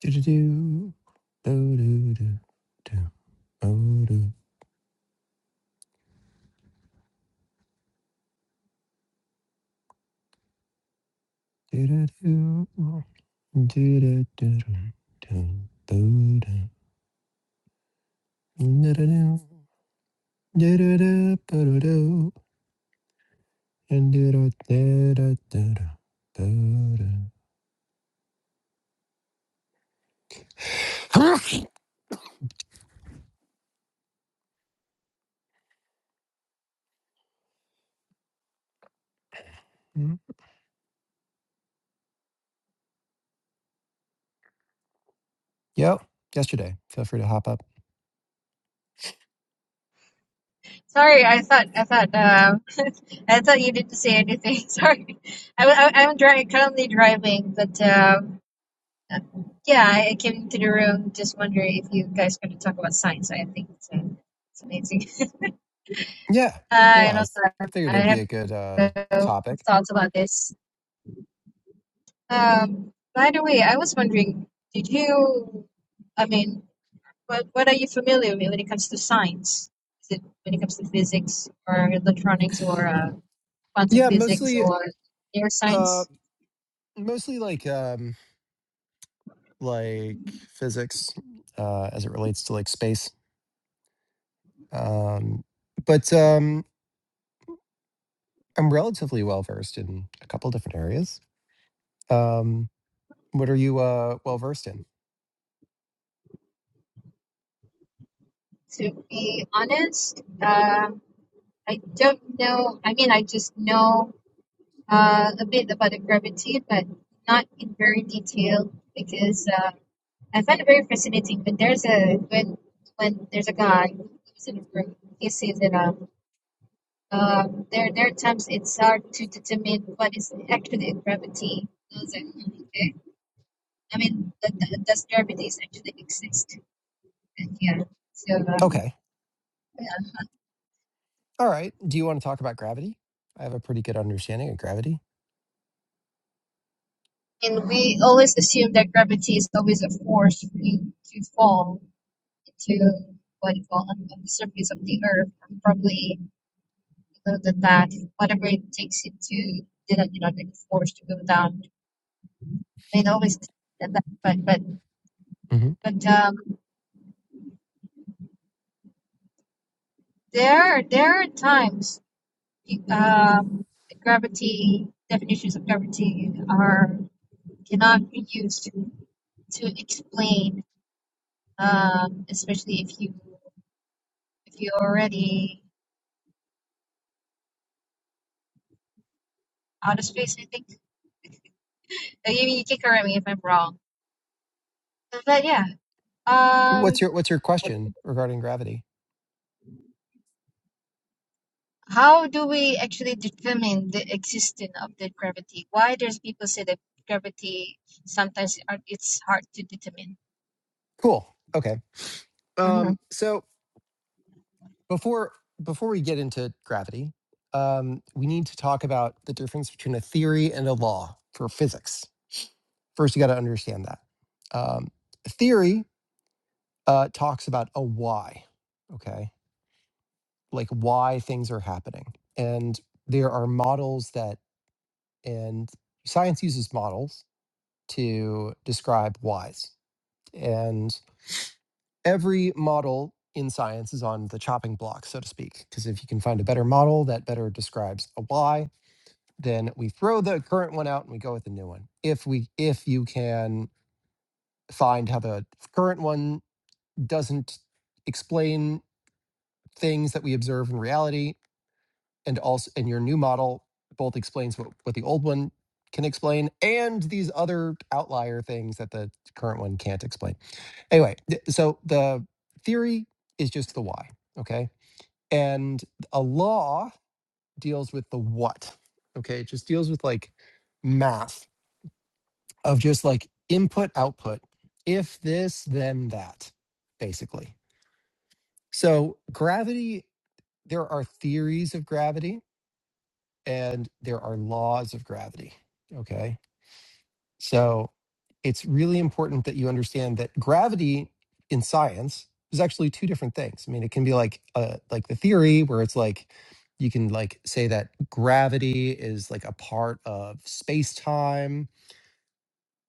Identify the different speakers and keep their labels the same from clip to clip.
Speaker 1: Do-do-do. Do-do-do. Do. Oh-do. Do-do-do. Do-do-do-do. Do. Do-do. Do-do-do. Do-do-do. Do-do-do. And do-do-do-do-do. Do-do. Mhm. Yep. Yesterday. Feel free to hop up.
Speaker 2: Sorry, I thought I thought um, I thought you didn't say anything. Sorry, I, I, I'm dri currently driving, but um, uh, yeah, I I came into the room just wondering if you guys going to talk about science. I think it's, uh, it's amazing,
Speaker 1: Yeah.
Speaker 2: uh,
Speaker 1: Yeah.
Speaker 2: and
Speaker 1: I was-
Speaker 2: also I
Speaker 1: I figured
Speaker 2: I
Speaker 1: it'd be a good uh
Speaker 2: have no
Speaker 1: topic.
Speaker 2: thoughts about this. Um, by the way, I was wondering, did you? I mean, what what are you familiar with when it comes to science? Is it when it comes to physics or electronics or? Uh, quantum
Speaker 1: Yeah,
Speaker 2: physics
Speaker 1: mostly
Speaker 2: or
Speaker 1: uh
Speaker 2: neuroscience.
Speaker 1: mostly like um like physics uh as it relates to like space Um, but um, I'm relatively well versed in a couple different areas. Um, what are you uh, well versed in?
Speaker 2: To be honest, um, I don't know. I mean, I just know uh, a bit about the gravity, but not in very detail because uh, I find it very fascinating. But there's a when when there's a guy who's in a group, he says that um, um, there there are times it's hard to determine what is actually gravity. I was like, "Hmm, okay. I mean, th- th- does gravity actually exist? And yeah. So um,
Speaker 1: Okay. All right. Do you want to talk about gravity? I have a pretty good understanding of gravity.
Speaker 2: And we always assume that gravity is always a force for you to fall into what you call on, on the surface of the earth, and probably other than that, whatever it takes you to do that, you know, like force to go down. And always that, that- but but
Speaker 1: hmm
Speaker 2: but um, there there are times um, the gravity definitions of gravity are cannot be used to explain, um, especially if you if you already out of space. I think Uh, you, you can correct me if I'm wrong. But yeah,
Speaker 1: What's
Speaker 2: um,
Speaker 1: your What's your question regarding gravity?
Speaker 2: how do we actually determine the existence of the gravity? Why does people say that gravity sometimes are, it's hard to determine?
Speaker 1: Cool. Okay.
Speaker 2: hmm
Speaker 1: Um, so before before we get into gravity, um, we need to talk about the difference between a theory and a law for physics. First, you got to understand that. Um, theory uh, talks about a why, okay? Like why things are happening. And there are models that, and science uses models to describe whys. And every model in science is on the chopping block, so to speak, because if you can find a better model that better describes a why, then we throw the current one out and we go with a new one. If we if you can find how the current one doesn't explain things that we observe in reality and also and your new model both explains what, what the old one can explain and these other outlier things that the current one can't explain anyway th- so the theory is just the why okay and a law deals with the what okay it just deals with like math of just like input output if this then that basically so gravity there are theories of gravity and there are laws of gravity. Okay. So it's really important that you understand that gravity in science is actually two different things. I mean, it can be like uh, like the theory where it's like you can like say that gravity is like a part of space-time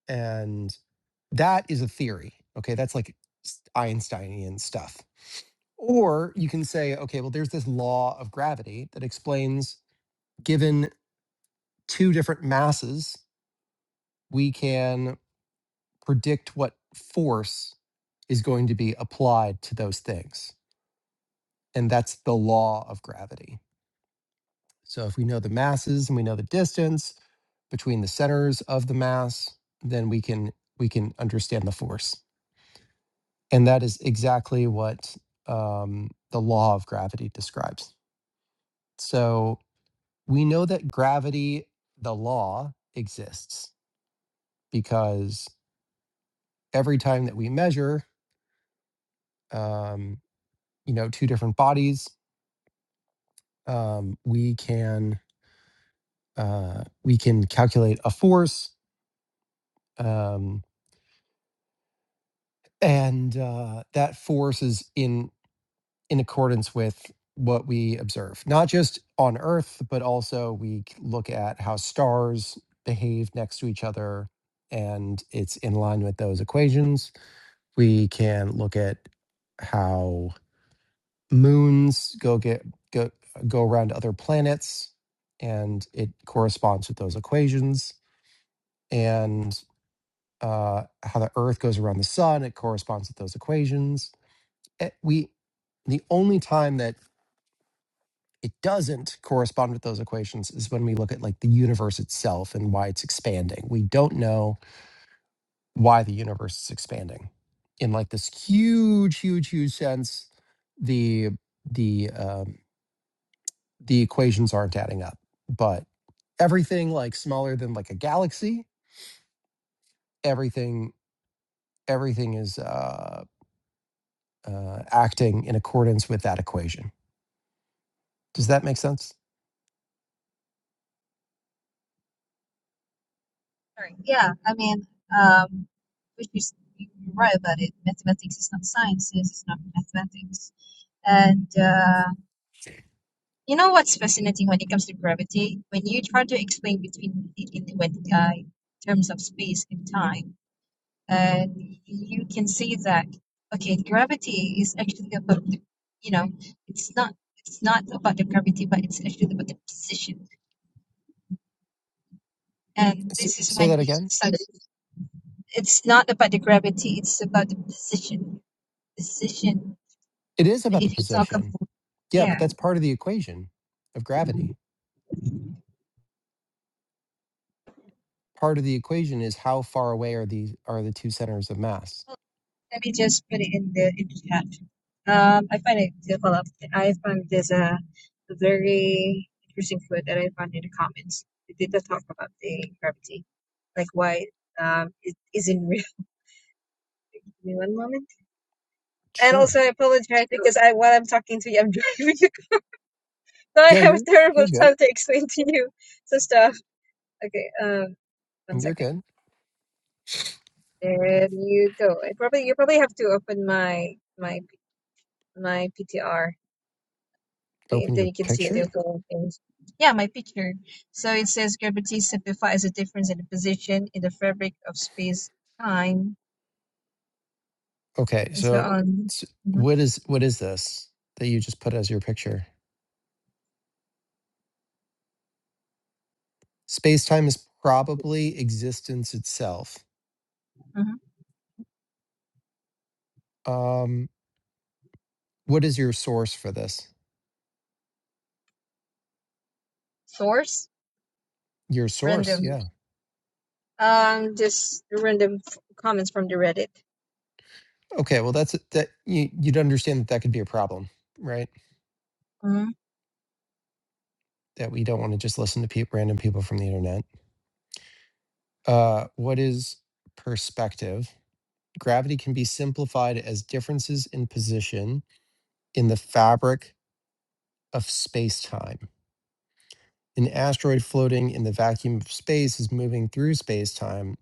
Speaker 1: and that is a theory. Okay, that's like s- Einsteinian stuff. Or you can say, okay, well, there's this law of gravity that explains given two different masses. we can predict what force is going to be applied to those things. And that's the law of gravity. So if we know the masses and we know the distance between the centers of the mass, then we can we can understand the force. And that is exactly what um, the law of gravity describes. So we know that gravity, the law, exists because every time that we measure, um, you know two different bodies um, we can uh, we can calculate a force um, and uh, that force is in in accordance with what we observe not just on earth but also we c- look at how stars behave next to each other and it's in line with those equations we can look at how moons go get go go around other planets and it corresponds with those equations and uh how the earth goes around the sun it corresponds with those equations Eh, we the only time that it doesn't correspond with those equations is when we look at like the universe itself and why it's expanding we don't know why the universe is expanding in like this huge huge huge sense the the um the equations aren't adding up but everything like smaller than like a galaxy everything everything is uh, uh, acting in accordance with that equation does that make sense
Speaker 2: Sorry. Yeah, I mean, um, which is you're right about it. Mathematics is not sciences; it's not mathematics. And uh, you know what's fascinating when it comes to gravity? When you try to explain between in, in when uh, terms of space and time uh, you can see that okay gravity is actually about the, you know it's not it's not about the gravity but it's actually about the position and
Speaker 1: S-
Speaker 2: this is
Speaker 1: say
Speaker 2: when
Speaker 1: that
Speaker 2: you
Speaker 1: again
Speaker 2: start it's not about the gravity it's about the position position
Speaker 1: it is about the
Speaker 2: if you talk
Speaker 1: position
Speaker 2: about
Speaker 1: yeah but
Speaker 2: yeah
Speaker 1: that's part of the equation of gravity part of the equation is how far away are these are the two centers of mass
Speaker 2: Let me just put it in the in the chat. Um, I find it to follow up. I found there's a very interesting quote that I found in the comments. It did not talk about the gravity, like why um it isn't real. Give me one moment. And
Speaker 1: sure
Speaker 2: also, I apologize because I while I'm talking to you, I'm driving. so I
Speaker 1: Yeah,
Speaker 2: have a
Speaker 1: you're
Speaker 2: terrible
Speaker 1: you're good.
Speaker 2: time to explain to you some stuff. Okay, um, one
Speaker 1: You're
Speaker 2: second.
Speaker 1: good.
Speaker 2: There you go. I probably you probably have to open my my my PTR Okay,
Speaker 1: Open
Speaker 2: then
Speaker 1: your
Speaker 2: you can see
Speaker 1: picture.
Speaker 2: there's a lot of things. Yeah, my picture. So it says gravity simplifies a difference in the position in the fabric of space, time,
Speaker 1: Okay,
Speaker 2: and so
Speaker 1: so
Speaker 2: on.
Speaker 1: s-
Speaker 2: hmm
Speaker 1: what is what is this that you just put as your picture? Space time is probably existence itself.
Speaker 2: hmm
Speaker 1: Um, what is your source for this?
Speaker 2: Source
Speaker 1: Your source,
Speaker 2: random.
Speaker 1: yeah.
Speaker 2: Um, just random f- comments from the Reddit.
Speaker 1: Okay, well that's that you you'd understand that that could be a problem, right?
Speaker 2: Mm-hmm.
Speaker 1: That we don't want to just listen to peop random people from the internet. Uh, what is perspective? Gravity can be simplified as differences in position in the fabric of space time. An asteroid floating in the vacuum of space is moving through space time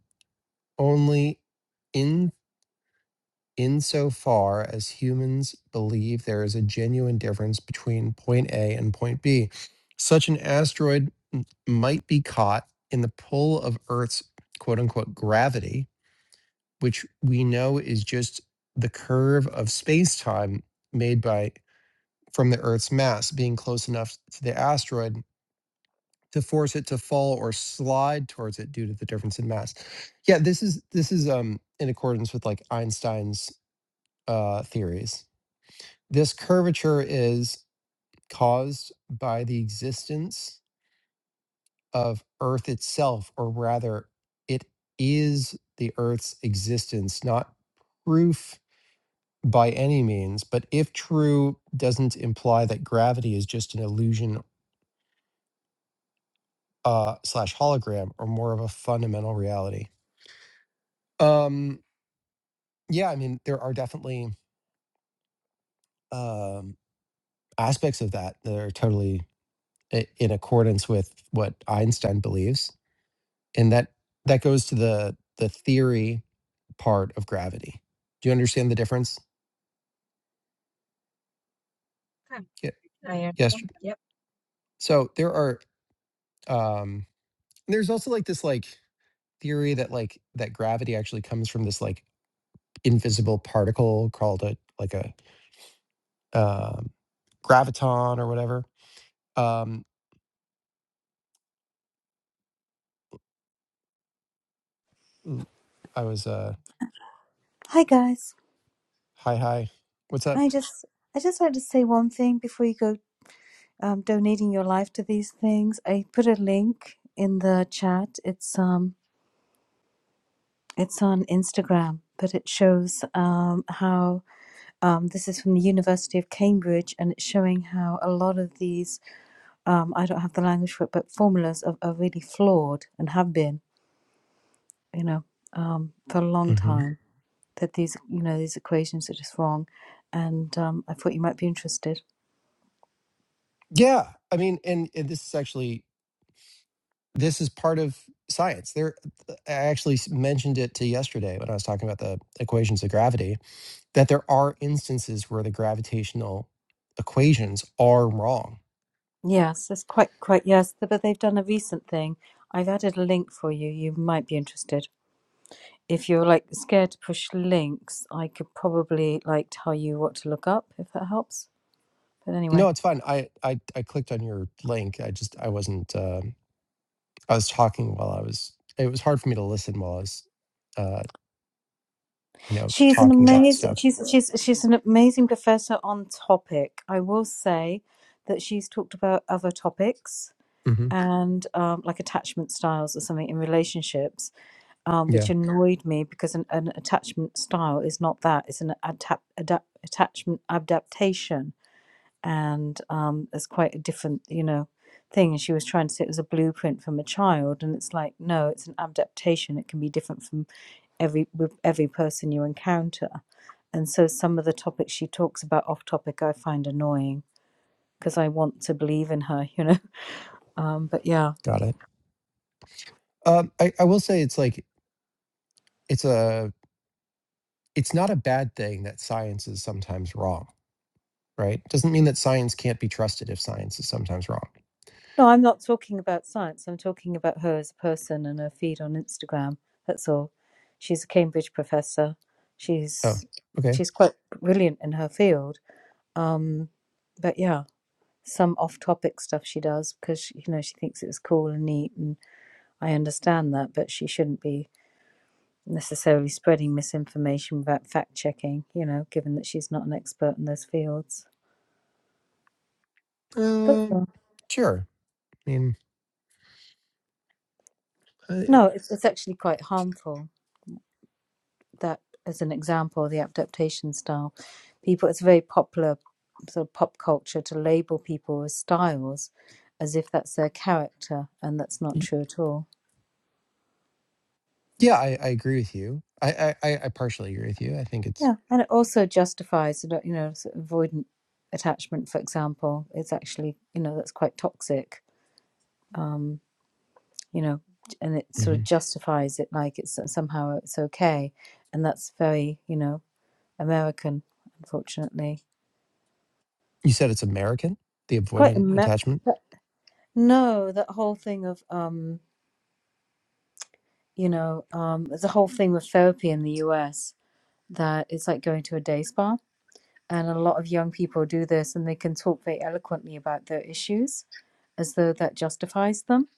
Speaker 1: only in insofar as humans believe there is a genuine difference between point A and point B. Such an asteroid m- might be caught in the pull of Earth's quote unquote gravity, which we know is just the curve of space time made by from the Earth's mass being close enough to the asteroid to force it to fall or slide towards it due to the difference in mass. Yeah, this is this is um in accordance with like Einstein's uh theories. This curvature is caused by the existence of Earth itself, or rather, it is the Earth's existence, not proof by any means, but if true, doesn't imply that gravity is just an illusion uh slash hologram or more of a fundamental reality. Um Yeah, I mean, there are definitely um, aspects of that that are totally i- in accordance with what Einstein believes, and that that goes to the the theory part of gravity. Do you understand the difference?
Speaker 2: Okay.
Speaker 1: Yeah.
Speaker 2: I am.
Speaker 1: Yes.
Speaker 2: Yep.
Speaker 1: So there are. Um, there's also like this like theory that like that gravity actually comes from this like invisible particle called a like a um, graviton or whatever. Um, l- I was uh,
Speaker 3: Hi guys.
Speaker 1: hi hi. What's up?
Speaker 3: I just I just wanted to say one thing before you go um, donating your life to these things. I put a link in the chat. It's um it's on Instagram, but it shows um how um this is from the University of Cambridge and it's showing how a lot of these um I don't have the language for it, but formulas are, are really flawed and have been, you know, um for a long
Speaker 1: Mhm.
Speaker 3: time. That these you know, these equations are just wrong. And um, I thought you might be interested.
Speaker 1: Yeah, I mean, and, and this is actually this is part of science. There, uh, I actually s- mentioned it to yesterday when I was talking about the equations of gravity. That there are instances where the gravitational equations are wrong.
Speaker 3: Yes, that's quite quite yes, th- but they've done a recent thing. I've added a link for you. You might be interested. If you're like scared to push links, I could probably like tell you what to look up if that helps. But anyway,
Speaker 1: No, it's fine. I I I clicked on your link. I just I wasn't. um I was talking while I was. It was hard for me to listen while I was, uh, you know,
Speaker 3: she's an
Speaker 1: talking about the
Speaker 3: amazing
Speaker 1: stuff.
Speaker 3: she's she's she's an amazing professor on topic. I will say that she's talked about other topics
Speaker 1: hmm
Speaker 3: and um, like attachment styles or something in relationships um, which
Speaker 1: Yeah,
Speaker 3: annoyed me because an, an attachment style is not that. It's an adap- adap- attachment adaptation, and um, it's quite a different, you know, thing. And she was trying to say it was a blueprint from a child, and it's like, no, it's an adaptation. It can be different from every with every person you encounter, and so some of the topics she talks about off topic I find annoying because I want to believe in her, you know. Um, but yeah.
Speaker 1: got it. Um, I I will say it's like it's a it's not a bad thing that science is sometimes wrong right doesn't mean that science can't be trusted if science is sometimes wrong
Speaker 3: No, I'm not talking about science. I'm talking about her as a person and her feed on Instagram. That's all. She's a Cambridge professor.
Speaker 1: oh
Speaker 3: She's
Speaker 1: okay
Speaker 3: she's quite brilliant in her field. But yeah, some off-topic stuff she does because she, you know she thinks it's cool and neat, and I understand that. But she shouldn't be necessarily spreading misinformation without fact-checking. You know, given that she's not an expert in those fields. That's
Speaker 1: um
Speaker 3: all.
Speaker 1: sure i mean I,
Speaker 3: No, it's it's actually quite harmful. that as an example, the adaptation style. People, it's very popular sort of pop culture to label people as styles as if that's their character, and that's not
Speaker 1: y-
Speaker 3: true at all.
Speaker 1: yeah I, I agree with you I, I i I partially agree with you i think it's
Speaker 3: Yeah, and it also justifies, you know, sort of avoidant attachment, for example, It's actually, you know, that's quite toxic. Um, you know, and it sort of
Speaker 1: mhm.
Speaker 3: justifies it like it's somehow it's okay, and that's very, you know, American, unfortunately.
Speaker 1: you said it's american the
Speaker 3: It's quite
Speaker 1: avoidant
Speaker 3: American.
Speaker 1: attachment
Speaker 3: No, that whole thing of um, you know, um, there's a whole thing with therapy in the US that it's like going to a day spa, and a lot of young people do this, and they can talk very eloquently about their issues as though that justifies them,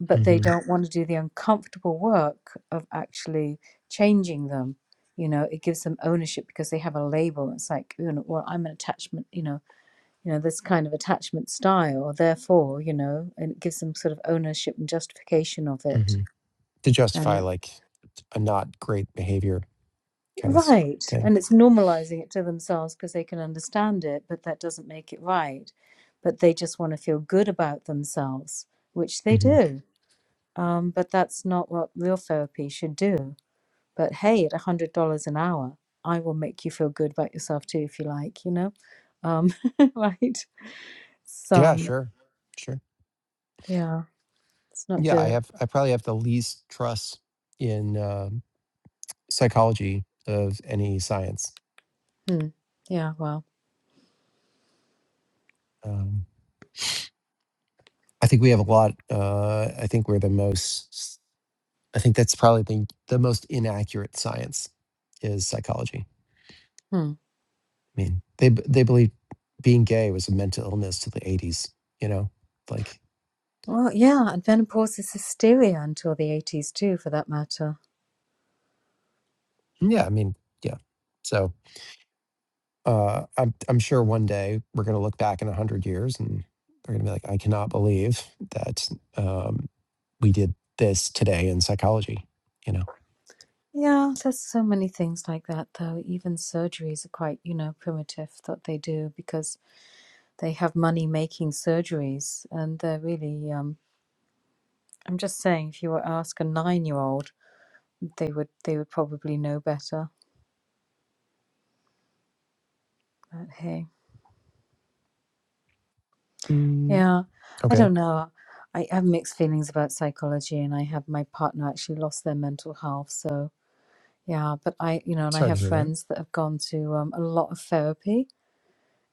Speaker 3: but they
Speaker 1: hmm
Speaker 3: don't want to do the uncomfortable work of actually changing them. You know, it gives them ownership because they have a label. It's like, you know, well, I'm an attachment, you know, you know, this kind of attachment style, therefore, you know, and it gives them sort of ownership and justification of it
Speaker 1: hmm to justify
Speaker 3: And
Speaker 1: like a not great behavior kind of
Speaker 3: right.
Speaker 1: thing
Speaker 3: And it's normalizing it to themselves because they can understand it, but that doesn't make it right. But they just want to feel good about themselves, which they
Speaker 1: Mm-hmm.
Speaker 3: do. Um, but that's not what real therapy should do. But hey, at $100 an hour, I will make you feel good about yourself too, if you like, you know? Um, right.
Speaker 1: Yeah,
Speaker 3: Some,
Speaker 1: sure. Sure.
Speaker 3: yeah, it's not
Speaker 1: Yeah, I
Speaker 3: good.
Speaker 1: have I probably have the least trust in um, psychology of any science.
Speaker 3: Hmm. Yeah, well,
Speaker 1: Um, I think we have a lot uh, I think we're the most I think that's probably the, the most inaccurate science is psychology.
Speaker 3: hmm.
Speaker 1: I mean, they b- they believe being gay was a mental illness to the 80s, you know? Like
Speaker 3: Well, yeah, and menopause is hysteria until the 80s too, for that matter.
Speaker 1: yeah, I mean, yeah. So Uh, I'm I'm sure one day we're going to look back in a hundred years and they're going to be like, I cannot believe that um, we did this today in psychology. You know,
Speaker 3: Yeah, there's so many things like that, though. Even surgeries are quite, you know, primitive that they do because they have money making surgeries, and they're really. Um, I'm just saying, if you were to ask a nine-year-old, they would they would probably know better. But hey,
Speaker 1: mm,
Speaker 3: yeah, I
Speaker 1: okay,
Speaker 3: don't know. I have mixed feelings about psychology, and I have my partner actually lost their mental health, so yeah. But I, you know, and I
Speaker 1: sorry to
Speaker 3: have
Speaker 1: hear that.
Speaker 3: friends that have gone to um, a lot of therapy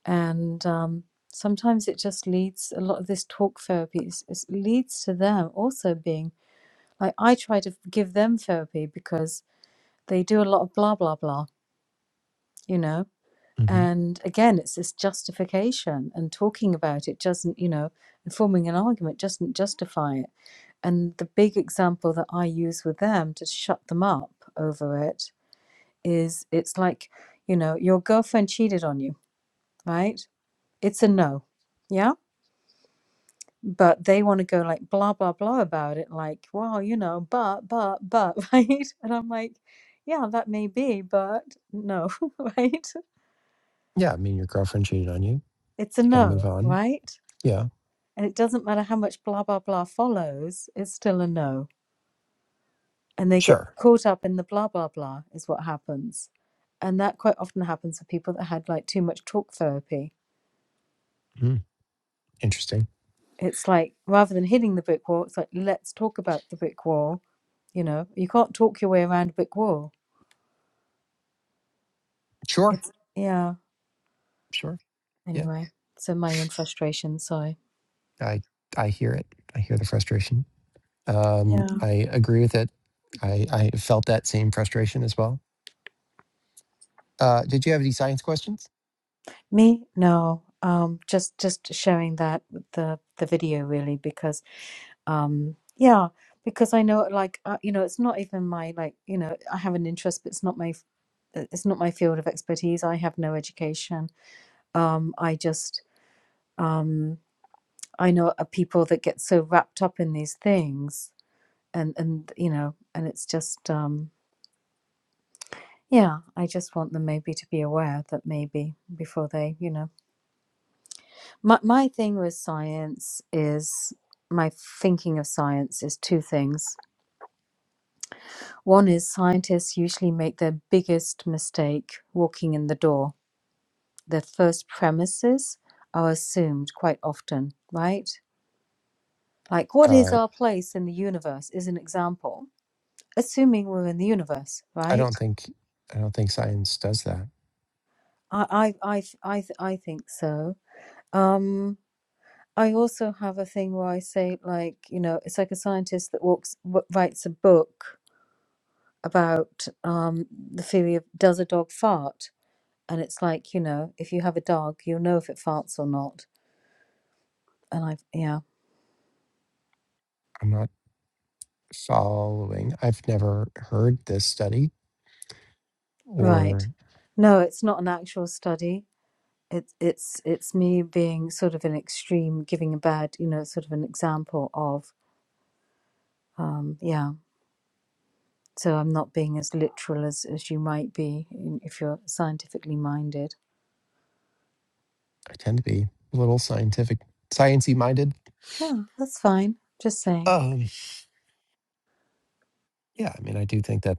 Speaker 3: and um, sometimes it just leads a lot of this talk therapy is, is leads to them also being like i try to give them therapy because they do a lot of blah blah blah you know
Speaker 1: hmm
Speaker 3: and again it's this justification and talking about it doesn't you know and forming an argument doesn't justify it and the big example that I use with them to shut them up over it is it's like, you know, your girlfriend cheated on you, right? It's a no. Yeah but they want to go like blah blah blah about it like well you know but but but right and i'm like yeah that may be but no right
Speaker 1: Yeah, I mean, your girlfriend cheated on you.
Speaker 3: it's a
Speaker 1: You got to move
Speaker 3: no
Speaker 1: on.
Speaker 3: right
Speaker 1: Yeah,
Speaker 3: and it doesn't matter how much blah blah blah follows it's still a no and they get
Speaker 1: sure.
Speaker 3: caught up in the blah blah blah is what happens and that quite often happens with people that had like too much talk therapy
Speaker 1: Mm, interesting.
Speaker 3: it's like rather than hitting the brick wall it's like let's talk about the brick wall you know you can't talk your way around a brick wall
Speaker 1: Sure,
Speaker 3: it's yeah
Speaker 1: sure. Yeah.
Speaker 3: anyway. So my own frustration. So
Speaker 1: I I hear it. I hear the frustration. Um,
Speaker 3: Yeah.
Speaker 1: I agree with it. I, I felt that same frustration as well. Uh, did you have any science questions?
Speaker 3: me, no. Um, just just sharing that with the the video really because um, yeah, because I know like uh, you know it's not even my like you know I have an interest, but it's not my f- it's not my field of expertise. I have no education. Um, I just um, I know uh, people that get so wrapped up in these things, and and you know, and it's just um. Yeah, I just want them maybe to be aware that maybe before they, you know, my my thing with science is my thinking of science is two things. One is scientists usually make their biggest mistake walking in the door. Their first premises are assumed quite often, right? Like what is
Speaker 1: Uh,
Speaker 3: our place in the universe is an example, assuming we're in the universe,
Speaker 1: I
Speaker 3: right?
Speaker 1: don't think I don't think science does that.
Speaker 3: I I I I, I think so. Um. I also have a thing where I say, like, you know, it's like a scientist that walks, w- writes a book about um, the theory of does a dog fart? And it's like, you know, if you have a dog, you'll know if it farts or not. And i yeah,
Speaker 1: I'm not following. I've never heard this study,
Speaker 3: right.
Speaker 1: or
Speaker 3: No, it's not an actual study. It's it's it's me being sort of an extreme, giving a bad, you know, sort of an example of, um, yeah. So I'm not being as literal as, as you might be in- if you're scientifically minded.
Speaker 1: I tend to be a little scientific, sciencey minded.
Speaker 3: Yeah, that's fine. Just saying.
Speaker 1: Um, yeah, I mean, I do think that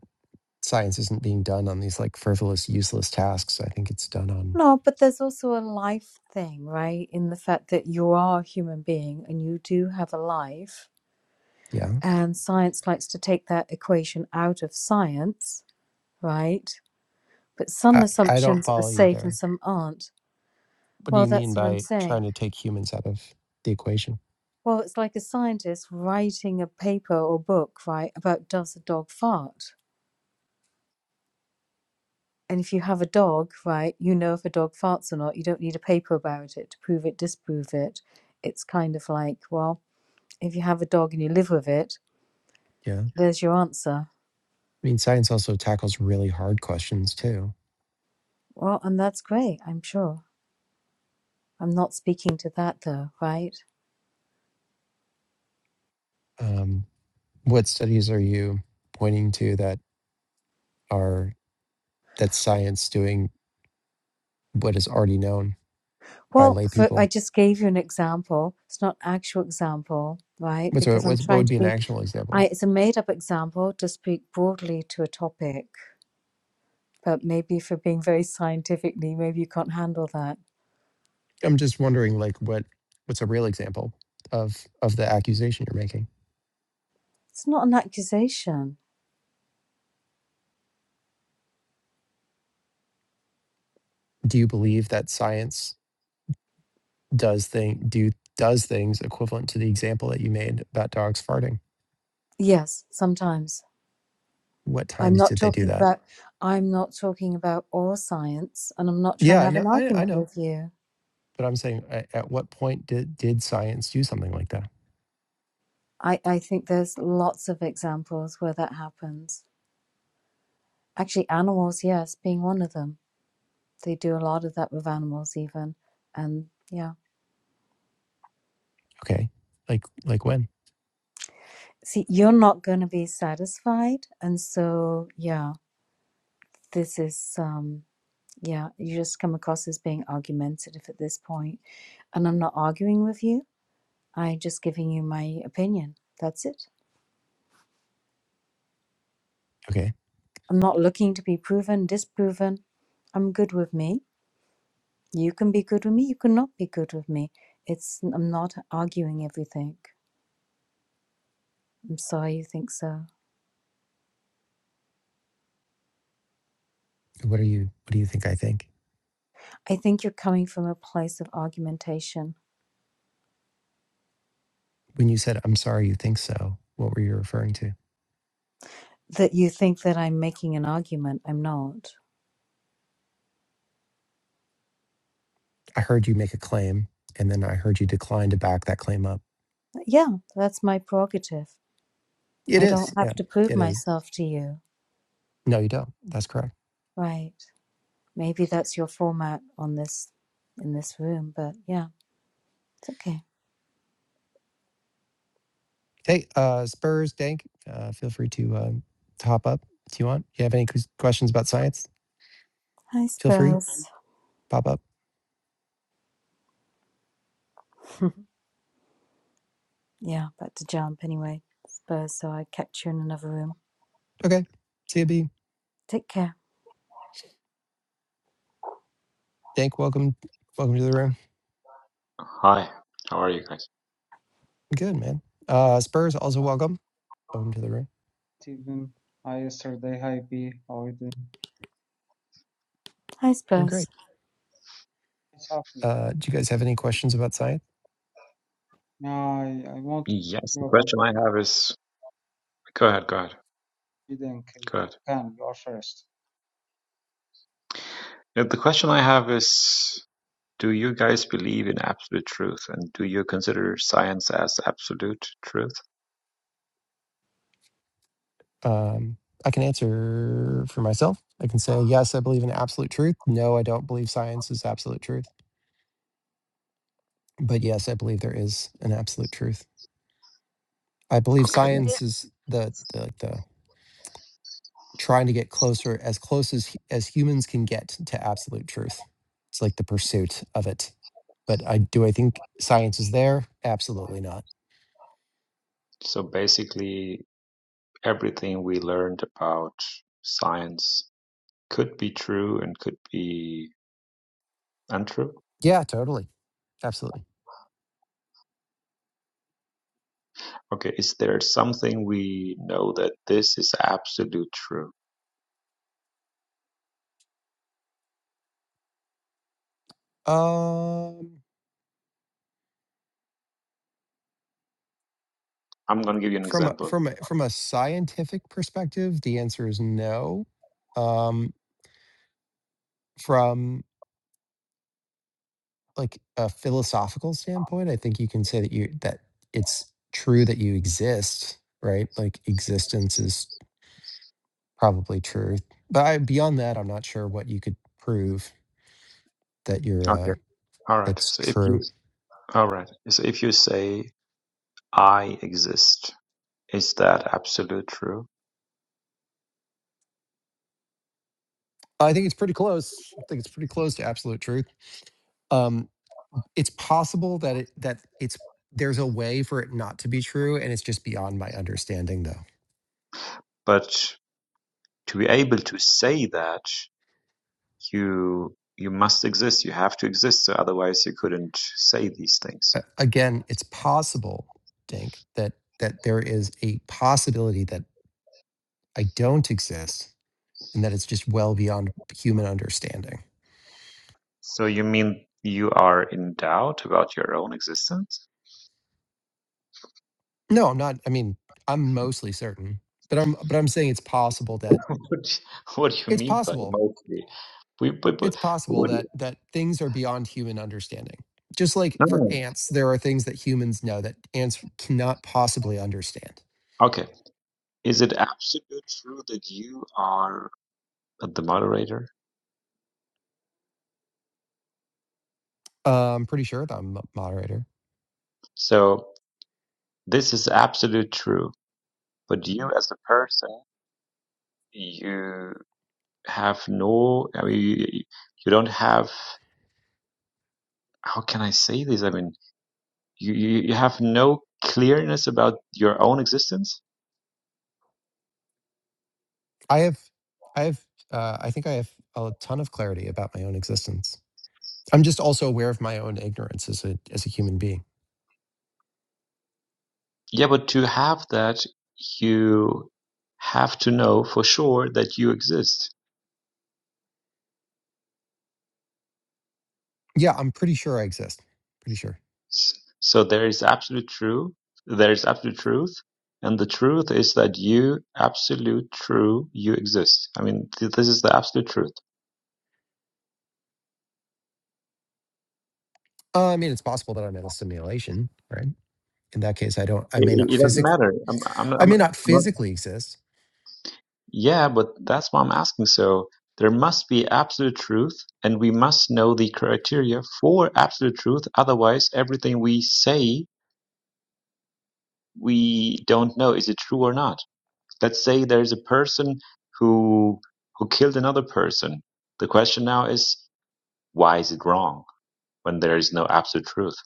Speaker 1: science isn't being done on these like frivolous, useless tasks. I think it's done on
Speaker 3: No, but there's also a life thing, right? In the fact that you are a human being and you do have a life.
Speaker 1: yeah.
Speaker 3: And science likes to take that equation out of science, right? But some
Speaker 1: I, I don't
Speaker 3: assumptions are
Speaker 1: follow you
Speaker 3: safe and
Speaker 1: there.
Speaker 3: some aren't.
Speaker 1: What do
Speaker 3: Well,
Speaker 1: you mean
Speaker 3: that's what I'm
Speaker 1: by
Speaker 3: saying.
Speaker 1: trying to take humans out of the equation?
Speaker 3: Well, it's like a scientist writing a paper or book, right, about does a dog fart? And if you have a dog, right, you know if a dog farts or not. You don't need a paper about it to prove it, disprove it. It's kind of like, well, if you have a dog and you live with it,
Speaker 1: Yeah.
Speaker 3: there's your answer.
Speaker 1: I mean, science also tackles really hard questions too.
Speaker 3: Well, and that's great, I'm sure. I'm not speaking to that though, right?
Speaker 1: Um, what studies are you pointing to that are that science doing what is already known by
Speaker 3: Well,
Speaker 1: lay
Speaker 3: for, I
Speaker 1: people?
Speaker 3: just gave you an example. It's not an actual example, right?
Speaker 1: What's a,
Speaker 3: Because I'm
Speaker 1: what's, what
Speaker 3: trying
Speaker 1: would
Speaker 3: to
Speaker 1: be an
Speaker 3: be,
Speaker 1: actual
Speaker 3: I,
Speaker 1: example?
Speaker 3: it's a made up example to speak broadly to a topic. But maybe if we're being very scientifically, maybe you can't handle that.
Speaker 1: I'm just wondering, like, what what's a real example of of the accusation you're making?
Speaker 3: It's not an accusation
Speaker 1: Do you believe that science does thing do does things equivalent to the example that you made about dogs farting?
Speaker 3: Yes, sometimes.
Speaker 1: What
Speaker 3: I'm
Speaker 1: times
Speaker 3: not
Speaker 1: did they do
Speaker 3: talking
Speaker 1: that?
Speaker 3: about I'm not talking about all science and I'm not trying
Speaker 1: Yeah,
Speaker 3: to
Speaker 1: I
Speaker 3: have
Speaker 1: know,
Speaker 3: an
Speaker 1: I, I
Speaker 3: argument
Speaker 1: know,
Speaker 3: with you.
Speaker 1: but I'm saying, at, at what point did did science do something like that?
Speaker 3: I, I think there's lots of examples where that happens. Actually animals, yes, being one of them. They do a lot of that with animals even. And yeah.
Speaker 1: Okay, like like when?
Speaker 3: See, you're not gonna be satisfied and so yeah, this is um yeah, you just come across as being argumentative at this point, And I'm not arguing with you. I'm just giving you my opinion. That's it.
Speaker 1: Okay,
Speaker 3: I'm not looking to be proven, disproven. I'm good with me. You can be good with me. You cannot be good with me. It's I'm not arguing everything. I'm sorry you think so.
Speaker 1: what are you? What do you think I think?
Speaker 3: I think you're coming from a place of argumentation
Speaker 1: When you said, "I'm sorry, you think so," what were you referring to?
Speaker 3: that you think that I'm making an argument. I'm not.
Speaker 1: I heard you make a claim, and then I heard you decline to back that claim up.
Speaker 3: Yeah, that's my prerogative.
Speaker 1: It
Speaker 3: I don't
Speaker 1: is,
Speaker 3: have
Speaker 1: yeah,
Speaker 3: to prove
Speaker 1: it is.
Speaker 3: myself to you.
Speaker 1: No, you don't. That's correct.
Speaker 3: Right. Maybe that's your format on this in this room, but yeah, it's okay.
Speaker 1: Hey, uh, Spurs, Dank, uh, feel free to um, to hop up if you want. If you have any questions about science,
Speaker 3: Hi,
Speaker 1: feel free,
Speaker 3: Spurs.
Speaker 1: pop up.
Speaker 3: Yeah, back to jump anyway. Spurs, so I catch you in another room.
Speaker 1: Okay, CB,
Speaker 3: Take care.
Speaker 1: Dank, welcome, welcome to the room.
Speaker 4: Hi, how are you guys?
Speaker 1: Good man. Uh, Spurs, also welcome, welcome to the room.
Speaker 5: even I yesterday hi B how are you doing?
Speaker 3: Hi,
Speaker 1: Doing
Speaker 3: Spurs.
Speaker 1: great.
Speaker 5: It's happy.
Speaker 1: Uh, do you guys have any questions about science?
Speaker 5: I I want to
Speaker 4: Yes, the
Speaker 5: hear
Speaker 4: question
Speaker 5: about
Speaker 4: I have is go ahead, go ahead,
Speaker 5: Sweden K-
Speaker 4: go ahead.
Speaker 5: can you are first.
Speaker 4: Yeah, The question I have is do you guys believe in absolute truth and do you consider science as absolute truth?
Speaker 1: Um, I can answer for myself. I can say yes, I believe in absolute truth. No, I don't believe science is absolute truth. But yes, I believe there is an absolute truth. I believe
Speaker 4: Okay.
Speaker 2: Yeah,
Speaker 1: science is the the, like the trying to get closer as close as as humans can get to absolute truth it's like the pursuit of it but i do i think science is there absolutely not
Speaker 4: So basically, everything we learned about science could be true and could be untrue.
Speaker 1: yeah totally absolutely
Speaker 4: Okay, is there something we know that this is absolute true?
Speaker 1: um
Speaker 4: I'm going to give you an
Speaker 1: from a
Speaker 4: example.
Speaker 1: from a from a scientific perspective the answer is no um from like a philosophical standpoint i think you can say that you that it's true that you exist right like existence is probably true. But I, beyond that, I'm not sure what you could prove that you're
Speaker 4: Okay.
Speaker 1: uh,
Speaker 4: All right.
Speaker 1: that's
Speaker 4: So if you
Speaker 1: true.
Speaker 4: All right. So if you say I exist, is that absolute true?
Speaker 1: I think it's pretty close. I think it's pretty close to absolute truth. Um, it's possible that it that it's there's a way for it not to be true, and it's just beyond my understanding, though.
Speaker 4: But to be able to say that, you you must exist. You have to exist, so otherwise you couldn't say these things.
Speaker 1: A- Again, it's possible, Dink, that that there is a possibility that I don't exist, and that it's just well beyond human understanding.
Speaker 4: So you mean you are in doubt about your own existence?
Speaker 1: No, I'm not. I mean, I'm mostly certain, but I'm but I'm saying it's possible that
Speaker 4: What do- what do you
Speaker 1: it's
Speaker 4: mean by
Speaker 1: possible.
Speaker 4: mostly? We, but, but,
Speaker 1: It's possible
Speaker 4: what, do you-
Speaker 1: that that things are beyond human understanding. Just like
Speaker 4: no, no.
Speaker 1: for
Speaker 4: no.
Speaker 1: ants, there are things that humans know that ants cannot possibly understand.
Speaker 4: Okay. Is it absolute true that you are the moderator?
Speaker 1: Uh, I'm pretty sure that I'm a moderator.
Speaker 4: So this is absolute true, but you as a person, you have no, I mean, you, you don't have, how can I say this? I mean, You, you you have no clearness about your own existence.
Speaker 1: I have, I have, uh, I think I have a ton of clarity about my own existence. I'm just also aware of my own ignorance as a as a human being.
Speaker 4: Yeah, but to have that, you have to know for sure that you exist.
Speaker 1: Yeah, I'm pretty sure I exist. Pretty sure.
Speaker 4: So there is absolute true, there is absolute truth, and the truth is that you absolute true you exist. I mean, th- this is the absolute truth.
Speaker 1: Uh, I mean, it's possible that I'm in a simulation, right? in that case i don't i
Speaker 4: It,
Speaker 1: may not
Speaker 4: it doesn't
Speaker 1: physically
Speaker 4: matter. I'm
Speaker 1: i
Speaker 4: I'm,
Speaker 1: may not
Speaker 4: I'm
Speaker 1: physically exist
Speaker 4: Yeah, but that's why I'm asking. So there must be absolute truth, and we must know the criteria for absolute truth. Otherwise, everything we say, we don't know is it true or not. Let's say there's a person who who killed another person. The question now is, why is it wrong when there is no absolute truth?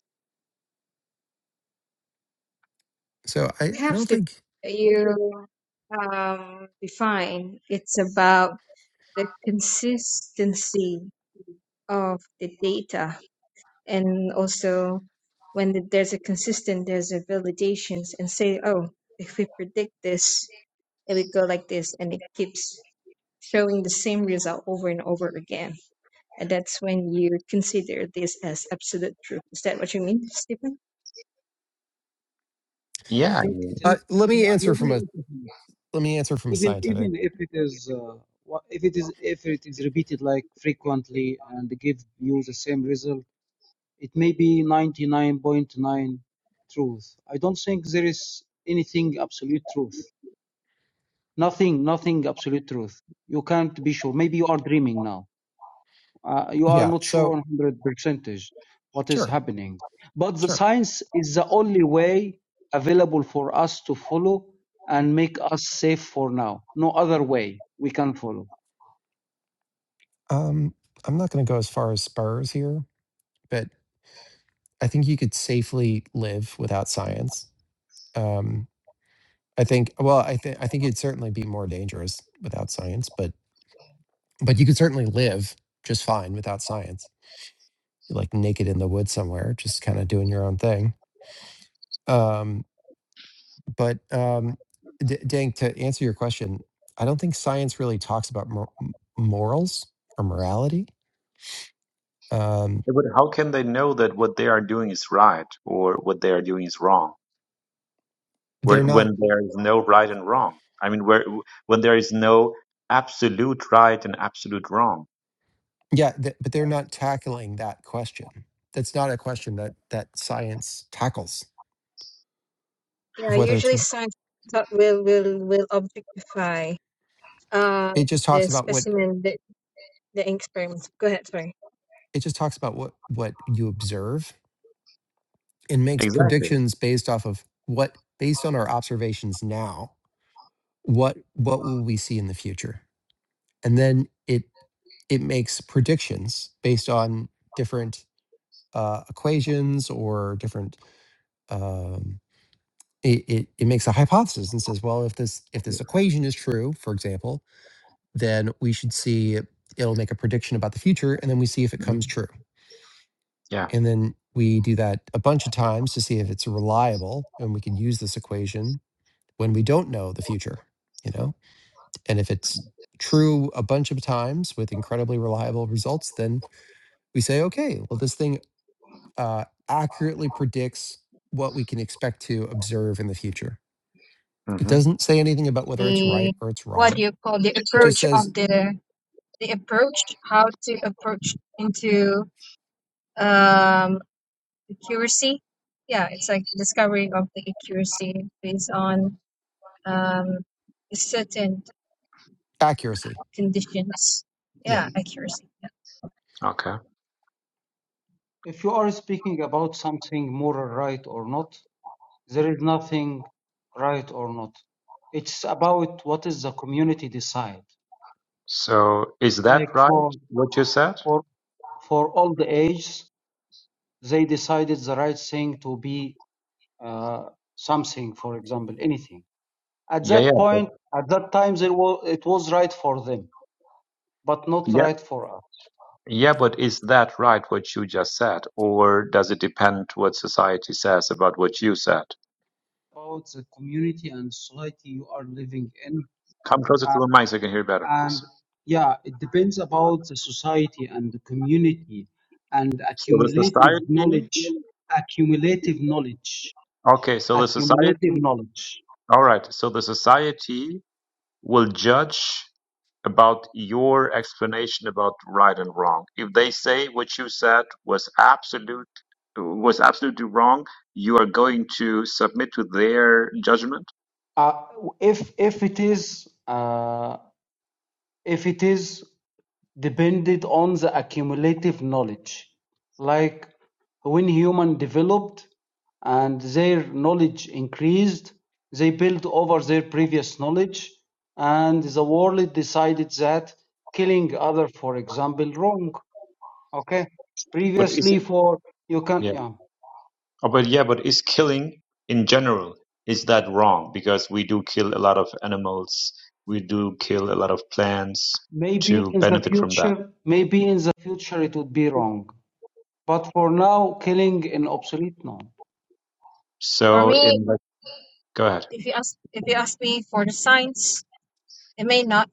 Speaker 1: so i
Speaker 2: it
Speaker 1: i
Speaker 2: helps
Speaker 1: don't
Speaker 2: to
Speaker 1: think
Speaker 2: you um, define. It's about the consistency of the data. and also when th- there's a consistent there's a validations and say oh if we predict this it would go like this and it keeps showing the same result over and over again and that's when you consider this as absolute truth is that what you mean stephen
Speaker 5: I
Speaker 4: Yeah,
Speaker 5: think it is
Speaker 1: uh, let me answer from a let me answer from a
Speaker 5: even
Speaker 1: scientific
Speaker 5: even if it is uh, wha- if it is if it is repeated like frequently and give you the same result, it may be 99.9 truth. I don't think there is anything absolute truth. Nothing, nothing absolute truth. You can't be sure. Maybe you are dreaming now. uh, you are
Speaker 1: yeah
Speaker 5: not sure
Speaker 1: so
Speaker 5: 100 percentage what is
Speaker 1: sure
Speaker 5: happening but the
Speaker 1: sure
Speaker 5: science is the only way available for us to follow and make us safe for now no other way we can follow
Speaker 1: um i'm not going to go as far as spurs here but i think you could safely live without science um i think well i think i think it'd certainly be more dangerous without science but but you could certainly live just fine without science like naked in the woods somewhere, just kind of doing your own thing. Um, but um, D- Dank, to answer your question, I don't think science really talks about mor- m- morals or morality. Um,
Speaker 4: Yeah, But how can they know that what they are doing is right or what they are doing is wrong? Where,
Speaker 1: they're not,
Speaker 4: when there is no right and wrong. I mean, where when there is no absolute right and absolute wrong.
Speaker 1: yeah, th- but they're not tackling that question. That's not a question that that science tackles of
Speaker 2: yeah
Speaker 1: whether it's.
Speaker 2: usually
Speaker 1: r-
Speaker 2: science thought will will will objectify uh,
Speaker 1: It just
Speaker 2: the
Speaker 1: talks about what
Speaker 2: specimen the, the experiment go ahead sorry
Speaker 1: it just talks about what what you observe and makes
Speaker 4: Exactly.
Speaker 1: predictions based off of what based on our observations now what what will we see in the future and then it it makes predictions based on different uh, equations or different um, it, it, it makes a hypothesis and says well if this if this equation is true for example then we should see it'll make a prediction about the future and then we see if it comes
Speaker 4: Mhm.
Speaker 1: true
Speaker 4: Yeah.
Speaker 1: and then we do that a bunch of times to see if it's reliable and we could use this equation when we don't know the future you know. And if it's true a bunch of times with incredibly reliable results, then we say, okay, well, this thing uh, accurately predicts what we can expect to observe in the future. It
Speaker 4: hmm
Speaker 1: doesn't say anything about whether it's
Speaker 2: the
Speaker 1: right or it's
Speaker 2: what do
Speaker 1: wrong.
Speaker 2: you call the
Speaker 1: It just
Speaker 2: approach of
Speaker 1: says
Speaker 2: the the approach, how to approach into um, accuracy. Yeah, it's like discovering of the accuracy based on um, certain
Speaker 1: accuracy.
Speaker 2: conditions.
Speaker 1: Yeah.
Speaker 2: Yeah, accuracy. Yeah.
Speaker 4: Okay.
Speaker 5: if you are speaking about something moral right or not there is nothing right or not it's about what is the community decide
Speaker 4: So is that
Speaker 5: like for
Speaker 4: right what you said?
Speaker 5: for for all the ages they decided the right thing to be uh, something for example anything At
Speaker 4: Yeah, yeah,
Speaker 5: that point, at that time, there was, it was right for them, but not
Speaker 4: yeah,
Speaker 5: right for us.
Speaker 4: yeah. But is that right what you just said, or does it depend what society says about what you said?
Speaker 5: About the community and society you are living in,
Speaker 4: Come closer to
Speaker 5: uh,
Speaker 4: the mic so I can hear better, please.
Speaker 5: and yeah, it depends about the society and the community and
Speaker 4: So the
Speaker 5: accumulative
Speaker 4: society,
Speaker 5: knowledge, accumulative knowledge,
Speaker 4: okay. So the
Speaker 5: accumulative
Speaker 4: society,
Speaker 5: knowledge.
Speaker 4: all right. So the society will judge about your explanation about right and wrong. If they say what you said was absolute was absolutely wrong, you are going to submit to their judgment.
Speaker 5: Uh, if if it is uh, if it is depended on the accumulative knowledge. Like when human developed and their knowledge increased, they built over their previous knowledge, and the world decided that killing other, for example, wrong. Okay,
Speaker 4: But is
Speaker 5: previously
Speaker 4: it?
Speaker 5: for you can
Speaker 4: Yeah.
Speaker 5: yeah
Speaker 4: Oh, but yeah, but is killing in general, is that wrong? Because we do kill a lot of animals, we do kill a lot of plants
Speaker 5: maybe
Speaker 4: to
Speaker 5: in the
Speaker 4: benefit from that.
Speaker 5: future maybe in the future it would be wrong, but for now killing an obsolete no.
Speaker 2: For
Speaker 4: So
Speaker 2: me,
Speaker 4: in like, go ahead.
Speaker 2: if you ask if you ask me for the science, it may not,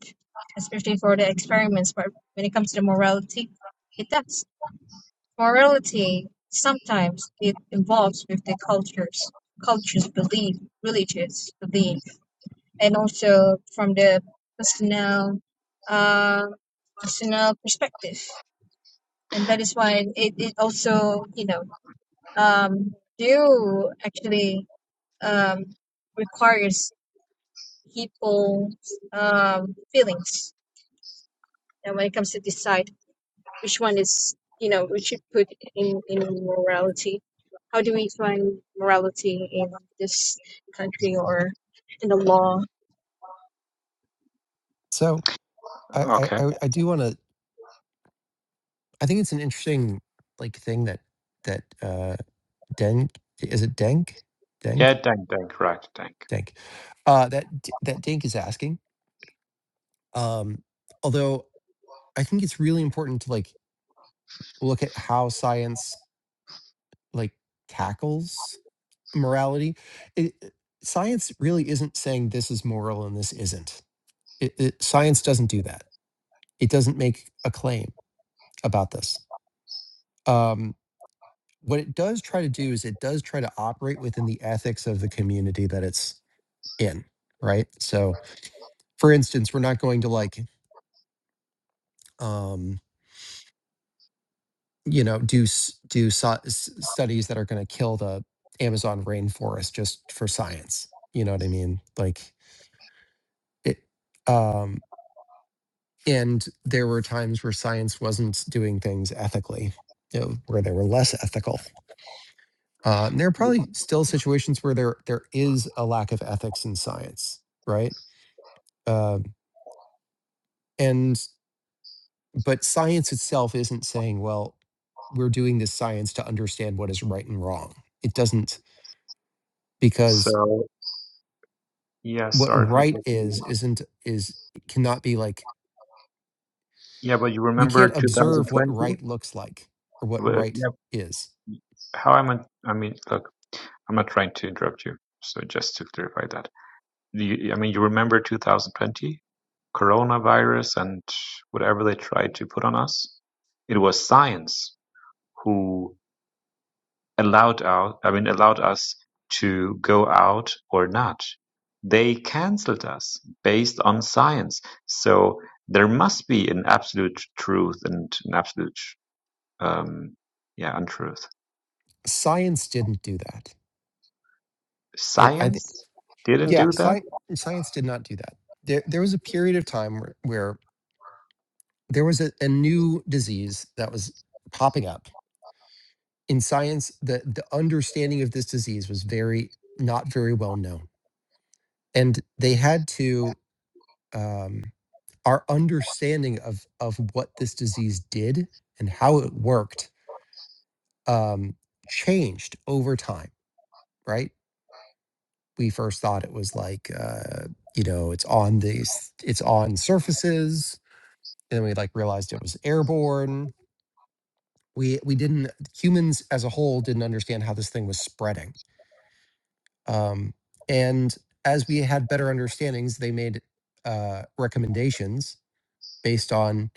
Speaker 2: especially for the experiments. But when it comes to the morality, it does. Morality sometimes it involves with the cultures, cultures belief, religious belief and also from the personal uh, personal perspective and that is why it, it also you know um, do actually um, requires people's um, feelings and when it comes to decide which one is you know we should put in in morality how do we find morality in this country or in the law
Speaker 1: So I I,
Speaker 4: Okay.
Speaker 1: I I do want to. I think it's an interesting like thing that that uh, Denk is it Denk Denk
Speaker 4: Yeah, thank, thank, right, thank.
Speaker 1: Denk uh, that D- that Denk is asking. Um, although I think it's really important to like look at how science like tackles morality it, science really isn't saying this is moral and this isn't it, it- science doesn't do that it doesn't make a claim about this um, what it does try to do is it does try to operate within the ethics of the community that it's in right so for instance we're not going to like um, you know do s- do so, s- studies that are going to kill the amazon rainforest just for science you know what i mean like it um and there were times where science wasn't doing things ethically you know, where they were less ethical uh, and there are probably still situations where there there is a lack of ethics in science right Um and but science itself isn't saying well we're doing this science to understand what is right and wrong it doesn't because
Speaker 4: So yeah,
Speaker 1: what
Speaker 4: sorry for
Speaker 1: right
Speaker 4: taking.
Speaker 1: is isn't is cannot be like
Speaker 4: Yeah, but you
Speaker 1: we can't
Speaker 4: remember
Speaker 1: observe what
Speaker 4: 2020?
Speaker 1: right looks like or what right is
Speaker 4: How am I? I mean, look, I'm not trying to interrupt you. So just to clarify that, do you, I mean, you remember 2020, coronavirus, and whatever they tried to put on us. It was science who allowed out. I mean, allowed us to go out or not. They cancelled us based on science. So there must be an absolute truth and an absolute, um, yeah, untruth.
Speaker 1: science didn't do that it, i think
Speaker 4: Science didn't
Speaker 1: yeah
Speaker 4: do that
Speaker 1: science science did not do that there there was a period of time where, where there was a, a new disease that was popping up in science the the understanding of this disease was very not very well known and they had to um our understanding of of what this disease did and how it worked um, changed over time, right? We first thought it was like uh, you know it's on these it's on surfaces, and then we like realized it was airborne. We we didn't humans as a whole didn't understand how this thing was spreading, um, and as we had better understandings, they made uh, recommendations based on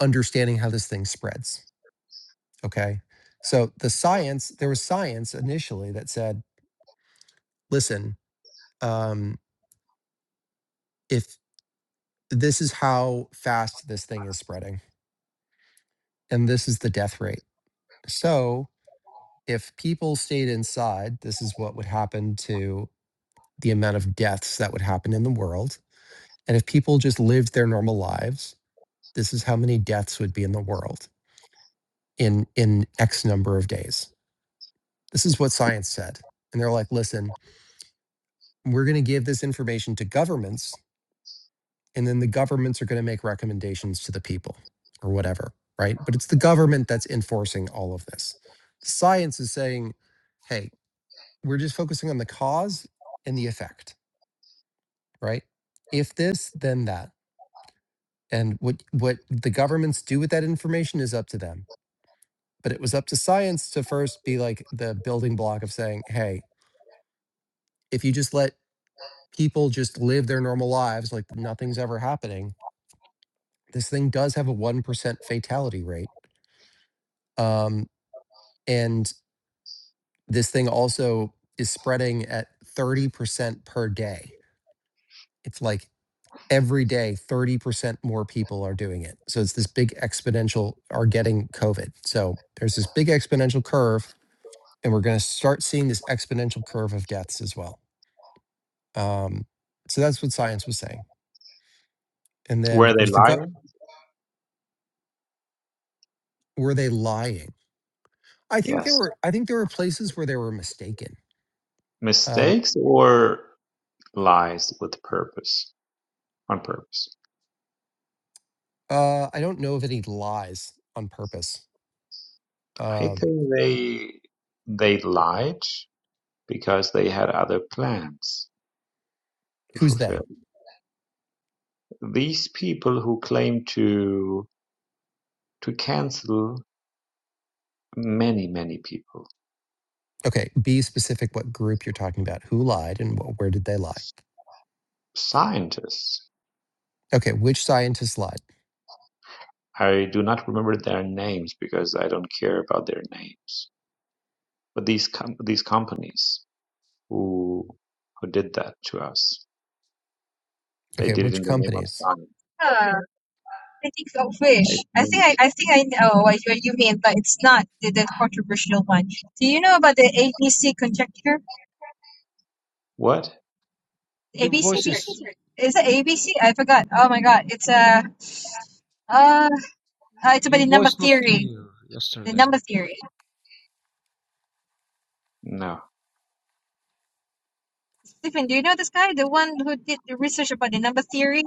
Speaker 1: understanding how this thing spreads Okay. So the science, there was science initially that said, listen, um, if this is how fast this thing is spreading, and this is the death rate. So if people stayed inside, this is what would happen to the amount of deaths that would happen in the world. And if people just lived their normal lives, this is how many deaths would be in the world in in X number of days. This is what science said. And they're like, listen, we're going to give this information to governments and then the governments are going to make recommendations to the people or whatever right but it's the government that's enforcing all of this the science is saying hey we're just focusing on the cause and the effect right if this then that and what what the governments do with that information is up to them but it was up to science to first be like the building block of saying hey if you just let people just live their normal lives like nothing's ever happening this thing does have a 1% fatality rate Um, And this thing also is spreading at 30% per day. It's like every day, 30% more people are doing it. So it's this big exponential are getting COVID. So there's this big exponential curve, and we're going to start seeing this exponential curve of deaths as well. Um, so that's what science was saying. And then
Speaker 4: Were
Speaker 1: it
Speaker 4: they
Speaker 1: was the gut.
Speaker 4: lying?
Speaker 1: Were they lying? I think there
Speaker 4: Yes.
Speaker 1: were. I think there were places where they were mistaken. Um,
Speaker 4: Mistakes or lies with purpose, on purpose?
Speaker 1: uh, I don't know of any lies on purpose.
Speaker 4: I
Speaker 1: Um,
Speaker 4: think they they lied because they had other plans to
Speaker 1: who's they?
Speaker 4: fulfill. These people who claim to to cancel many, many people.
Speaker 1: Okay, be specific what group you're talking about. Who lied and wh- where did they lie?
Speaker 4: Scientists.
Speaker 1: Okay, which scientists lied?
Speaker 4: I do not remember their names because I don't care about their names. But these com- these companies who who did that to us, they
Speaker 1: Okay,
Speaker 4: did it
Speaker 1: which
Speaker 4: in the name of
Speaker 1: companies?
Speaker 4: science.
Speaker 2: Uh, Critics of
Speaker 4: I
Speaker 2: which? I
Speaker 4: think
Speaker 2: think I, I think I know what you, what you mean, but it's not the, the controversial one. Do you know about the ABC conjecture?
Speaker 4: what?
Speaker 5: Your
Speaker 2: ABC,
Speaker 5: voice
Speaker 2: sorry.
Speaker 5: is
Speaker 2: Is it ABC? I forgot. Oh my god, it's a uh, uh it's about the
Speaker 5: your
Speaker 2: number
Speaker 5: voice not
Speaker 2: theory.
Speaker 5: clear
Speaker 2: The
Speaker 5: yesterday.
Speaker 2: number theory.
Speaker 4: No,
Speaker 2: Stephen, do you know this guy, the one who did the research about the number theory?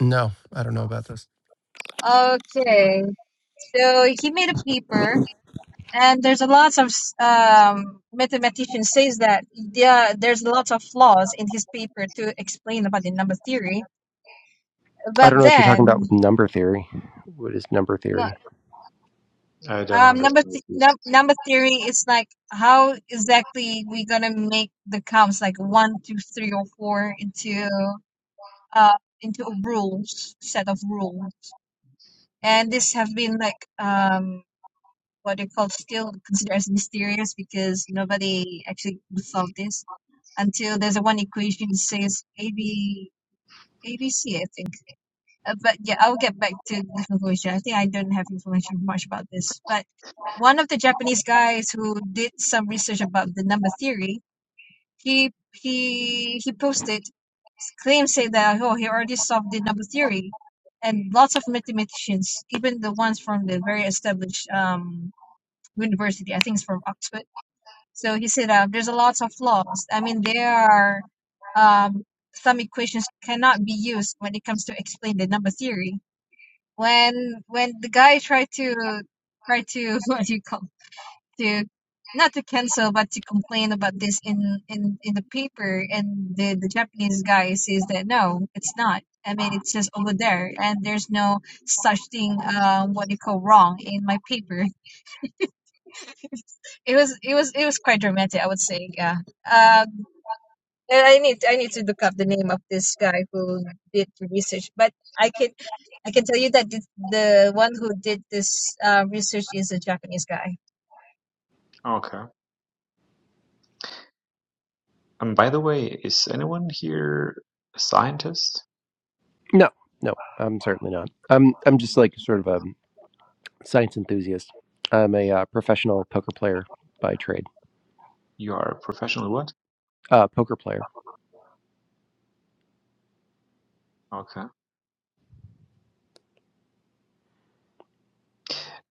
Speaker 1: No, I don't know about this.
Speaker 2: Okay, so he made a paper and there's a lot of um, mathematician says that there there's lots of flaws in his paper to explain about the number theory
Speaker 1: I
Speaker 2: but
Speaker 1: don't know what you're talking about
Speaker 2: then
Speaker 1: with number theory. What is number
Speaker 2: no,
Speaker 1: theory?
Speaker 4: I don't
Speaker 2: um, number
Speaker 4: understand.
Speaker 2: th- num- number theory is like how exactly we gonna make the counts like one two three or four into uh into a rules set of rules and this have been like um what they call still considered as mysterious because nobody actually solved this until there's a one equation that says a b a b c I think. Uh, but yeah, I'll get back to the information. I think I don't have information much about this. But one of the Japanese guys who did some research about the number theory, he he he posted claims say that oh he already solved the number theory, and lots of mathematicians, even the ones from the very established um university, I think it's from Oxford so he said uh, there's a lots of laws. I mean, there are um, some equations cannot be used when it comes to explain the number theory. When when the guy tried to try to what do you call to not to cancel but to complain about this in in in the paper and the the Japanese guy says that no, it's not. I mean, it's just over there, and there's no such thing. Uh, what do you call wrong in my paper? it was it was it was quite dramatic, I would say. Yeah Uh, Uh, I need I need to look up the name of this guy who did the research, but I can I can tell you that the, the one who did this uh, research is a Japanese guy.
Speaker 4: Okay. And by the way, is anyone here a scientist?
Speaker 1: No, no, I'm certainly not. I'm I'm just like sort of a science enthusiast. I'm a uh, professional poker player by trade.
Speaker 4: You are a professional what?
Speaker 1: Uh, poker player.
Speaker 4: Okay.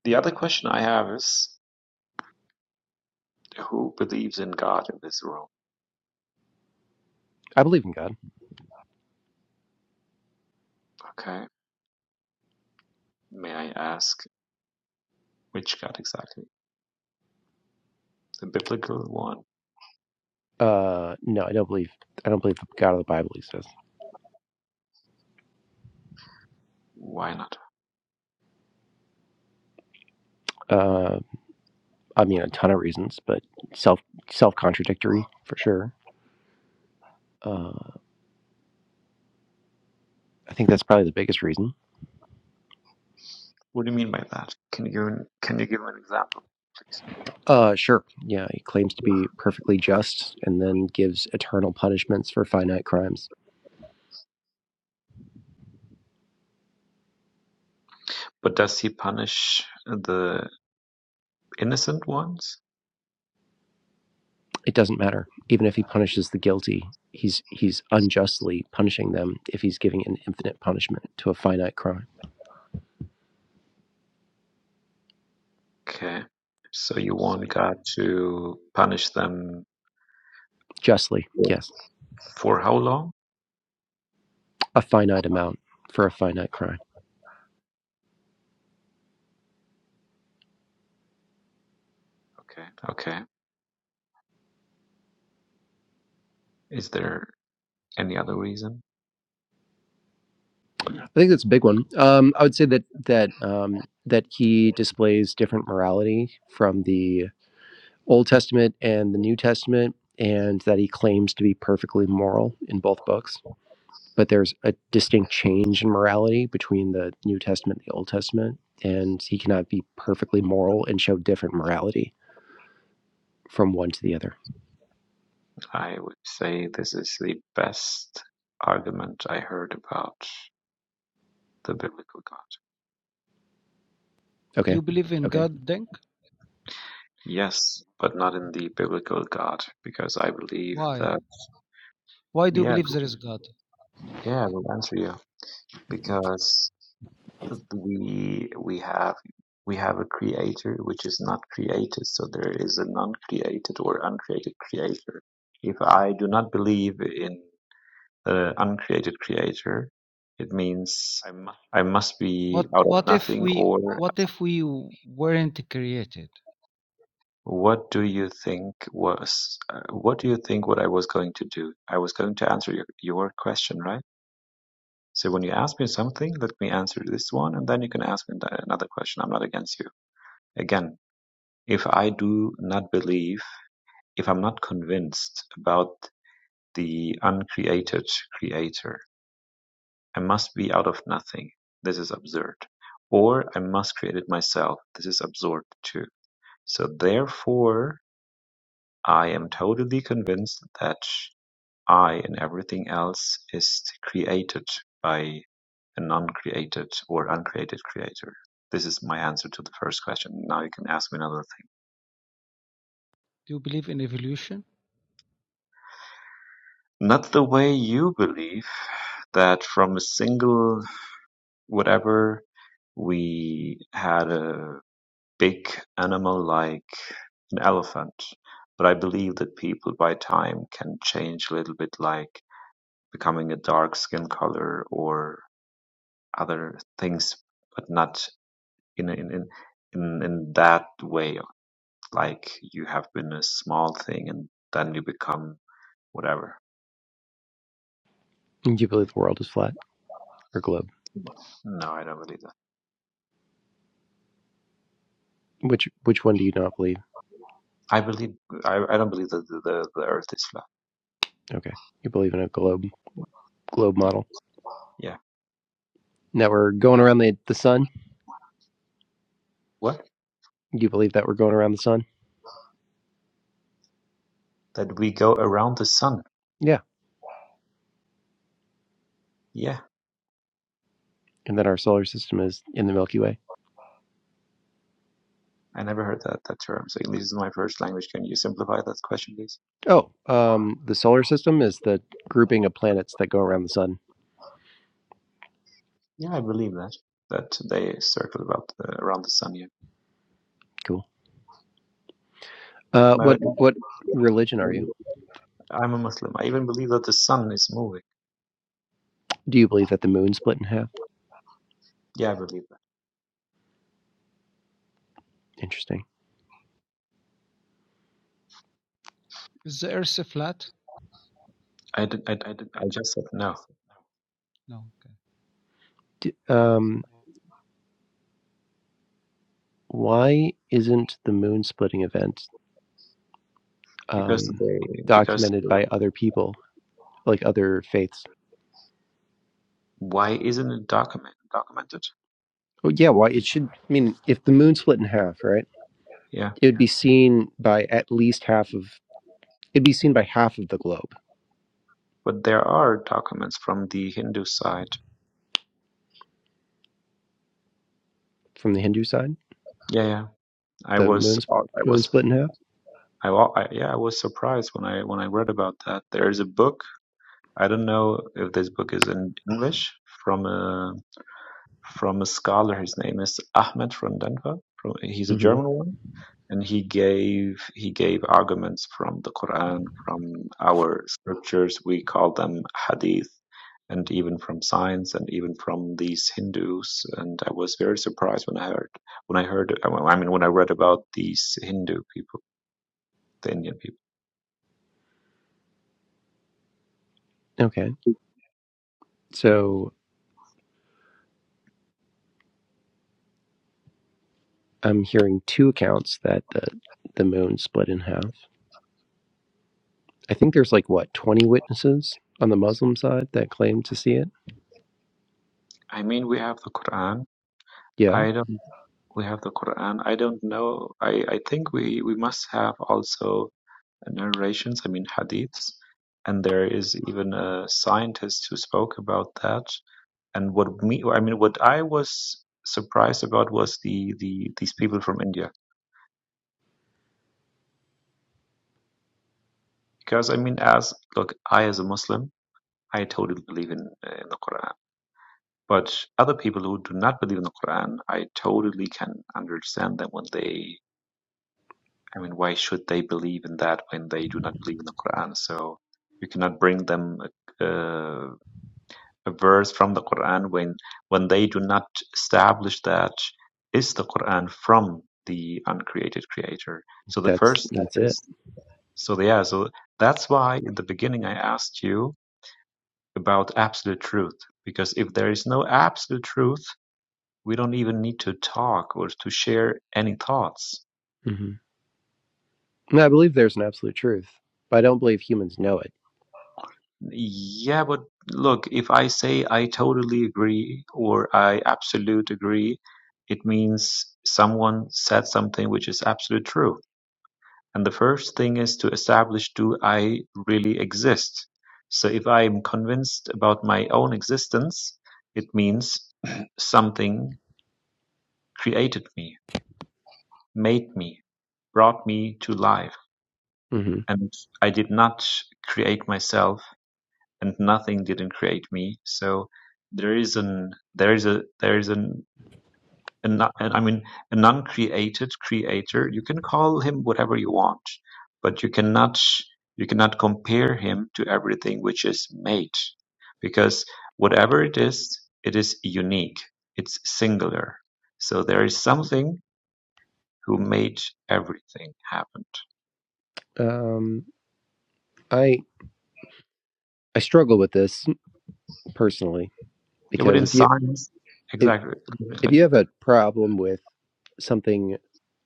Speaker 4: The other question I have is who believes in God in this room?
Speaker 1: I believe in God.
Speaker 4: Okay. May I ask which God exactly? The biblical one?
Speaker 1: Uh, no, I don't believe. I don't believe the God of the Bible exists.
Speaker 4: Why not?
Speaker 1: Uh, I mean, a ton of reasons, but self self contradictory for sure. Uh, I think that's probably the biggest reason.
Speaker 4: What do you mean by that? Can you can you give an example?
Speaker 1: Uh, sure. Yeah, he claims to be perfectly just, and then gives eternal punishments for finite crimes.
Speaker 4: But does he punish the innocent ones?
Speaker 1: It doesn't matter, even if he punishes the guilty. He's he's unjustly punishing them if he's giving an infinite punishment to a finite crime.
Speaker 4: Okay. So you
Speaker 5: So
Speaker 4: want God to punish them
Speaker 1: Justly,
Speaker 4: for
Speaker 1: yes,
Speaker 4: how long?
Speaker 1: a finite amount for a finite crime.
Speaker 5: okay,
Speaker 4: Okay. Is there any other reason?
Speaker 1: I think that's a big one. Um, I would say that that um, that he displays different morality from the Old Testament and the New Testament, and that he claims to be perfectly moral in both books. But there's a distinct change in morality between the New Testament and the Old Testament, and he cannot be perfectly moral and show different morality from one to the other.
Speaker 4: I would say this is the best argument I heard about the biblical God.
Speaker 5: Do
Speaker 1: Okay,
Speaker 5: you believe in okay. God, Denk?
Speaker 4: Yes, but not in the biblical God, because I believe
Speaker 5: Why?
Speaker 4: that
Speaker 5: Why do you
Speaker 4: yeah,
Speaker 5: believe there is God?
Speaker 4: yeah, I will answer you because we we have we have a creator which is not created, so there is a non-created or uncreated creator. If I do not believe in the uncreated creator, it means I must be
Speaker 5: What
Speaker 4: out of
Speaker 5: What if
Speaker 4: nothing
Speaker 5: we
Speaker 4: or
Speaker 5: What if we weren't created?
Speaker 4: What do you think was uh, what do you think what I was going to do? I was going to answer your, your question, right? So when you ask me something, let me answer this one, and then you can ask me th- another question. I'm not against you. Again, if I do not believe, if I'm not convinced about the uncreated creator, I must be out of nothing. This is absurd. Or I must create it myself. This is absurd too. So therefore, I am totally convinced that I and everything else is created by an uncreated or uncreated creator. This is my answer to the first question. Now you can ask me another thing.
Speaker 5: Do you believe in evolution?
Speaker 4: Not the way you believe that from a single whatever we had a big animal like an elephant. But I believe that people by time can change a little bit like becoming a dark skin color or other things, but not in in in in, in that way like you have been a small thing and then you become whatever.
Speaker 1: do you believe the world is flat or globe?
Speaker 4: No, I don't believe that.
Speaker 1: Which which one do you not believe?
Speaker 4: I believe I, I don't believe that the, the, the Earth is flat.
Speaker 1: Okay, you believe in a globe globe
Speaker 4: Yeah.
Speaker 1: model.
Speaker 4: Yeah.
Speaker 1: Now we're going around the the sun.
Speaker 4: What?
Speaker 1: You believe that we're going around the sun?
Speaker 4: That we go around the sun.
Speaker 1: Yeah.
Speaker 4: Yeah.
Speaker 1: And that our solar system is in the Milky Way?
Speaker 4: I never heard that, that term. So English is my first language. Can you simplify that question, please?
Speaker 1: Oh, um, the solar system is the grouping of planets that go around the sun.
Speaker 4: Yeah, I believe that. That they circle about the, around the sun. Yeah.
Speaker 1: Cool. Uh,
Speaker 4: No,
Speaker 1: what what religion are you?
Speaker 4: I'm a Muslim. I even believe that the sun is moving.
Speaker 1: Do you believe that the moon split in half?
Speaker 4: Yeah, I believe
Speaker 1: Interesting.
Speaker 5: Is the Earth flat?
Speaker 4: that. I, did, I, d- I just said no.
Speaker 5: No. Okay.
Speaker 1: D- um, why isn't the moon splitting event
Speaker 4: because
Speaker 1: um,
Speaker 4: they because
Speaker 1: documented by other people, like other faiths?
Speaker 4: why isn't it document documented
Speaker 1: Oh, yeah. Why it should? I mean, if the moon split in half, right?
Speaker 4: yeah
Speaker 1: It would be seen by at least half of. It'd be seen by half of the globe
Speaker 4: but there are documents from the hindu side
Speaker 1: from the Hindu side
Speaker 4: yeah yeah i
Speaker 1: the
Speaker 4: was
Speaker 1: moon,
Speaker 4: i
Speaker 1: moon
Speaker 4: was
Speaker 1: split in half.
Speaker 4: i, wa- I yeah i was surprised when i when i read about that there is a book i don't know if this book is in english from a from a scholar his name is ahmed from denver from, he's a
Speaker 1: hmm
Speaker 4: german one and he gave he gave arguments from the Quran, from our scriptures. We call them hadith, and even from science, and even from these Hindus. And I was very surprised when I heard when I heard I mean when I read about these Hindu people, the Indian people.
Speaker 1: Okay, so I'm hearing two accounts that the the moon split in half. I think there's like what 20 witnesses on the Muslim side that claim to see it.
Speaker 4: I mean, we have the Quran.
Speaker 1: Yeah,
Speaker 4: I don't. We have the Quran. I don't know. I I think we we must have also narrations. I mean hadiths. And there is even a scientist who spoke about that And what me, I mean, what I was surprised about was the, the these people from India, because I mean, as look, I as a Muslim, I totally believe in, uh, in the Quran. But other people who do not believe in the Quran, I totally can understand them when they, I mean, why should they believe in that when they do not believe in the Quran? So you cannot bring them. Uh, a verse from the Quran when when they do not establish that is the Quran from the uncreated creator. So the
Speaker 1: that's
Speaker 4: first step
Speaker 1: that's it.
Speaker 4: is so yeah, so that's why in the beginning I asked you about absolute truth. Because if there is no absolute truth, we don't even need to talk or to share any thoughts.
Speaker 1: hmm And I believe there's an absolute truth, but I don't believe humans know it.
Speaker 4: Yeah, but look, if I say I totally agree or I absolute agree, it means someone said something which is absolute true. And the first thing is to establish do I really exist? So if I am convinced about my own existence, it means something created me, made me, brought me to life.
Speaker 1: hmm
Speaker 4: And I did not create myself and nothing didn't create me. So there is an there is a there is an an I mean an uncreated creator. You can call him whatever you want, but you cannot you cannot compare him to everything which is made, because whatever it is, it is unique. It's singular. So there is something who made everything happen.
Speaker 1: Um, I I struggle with this personally
Speaker 4: It would
Speaker 1: because
Speaker 4: in
Speaker 1: if you
Speaker 4: science
Speaker 1: if
Speaker 4: exactly.
Speaker 1: if you have a problem with something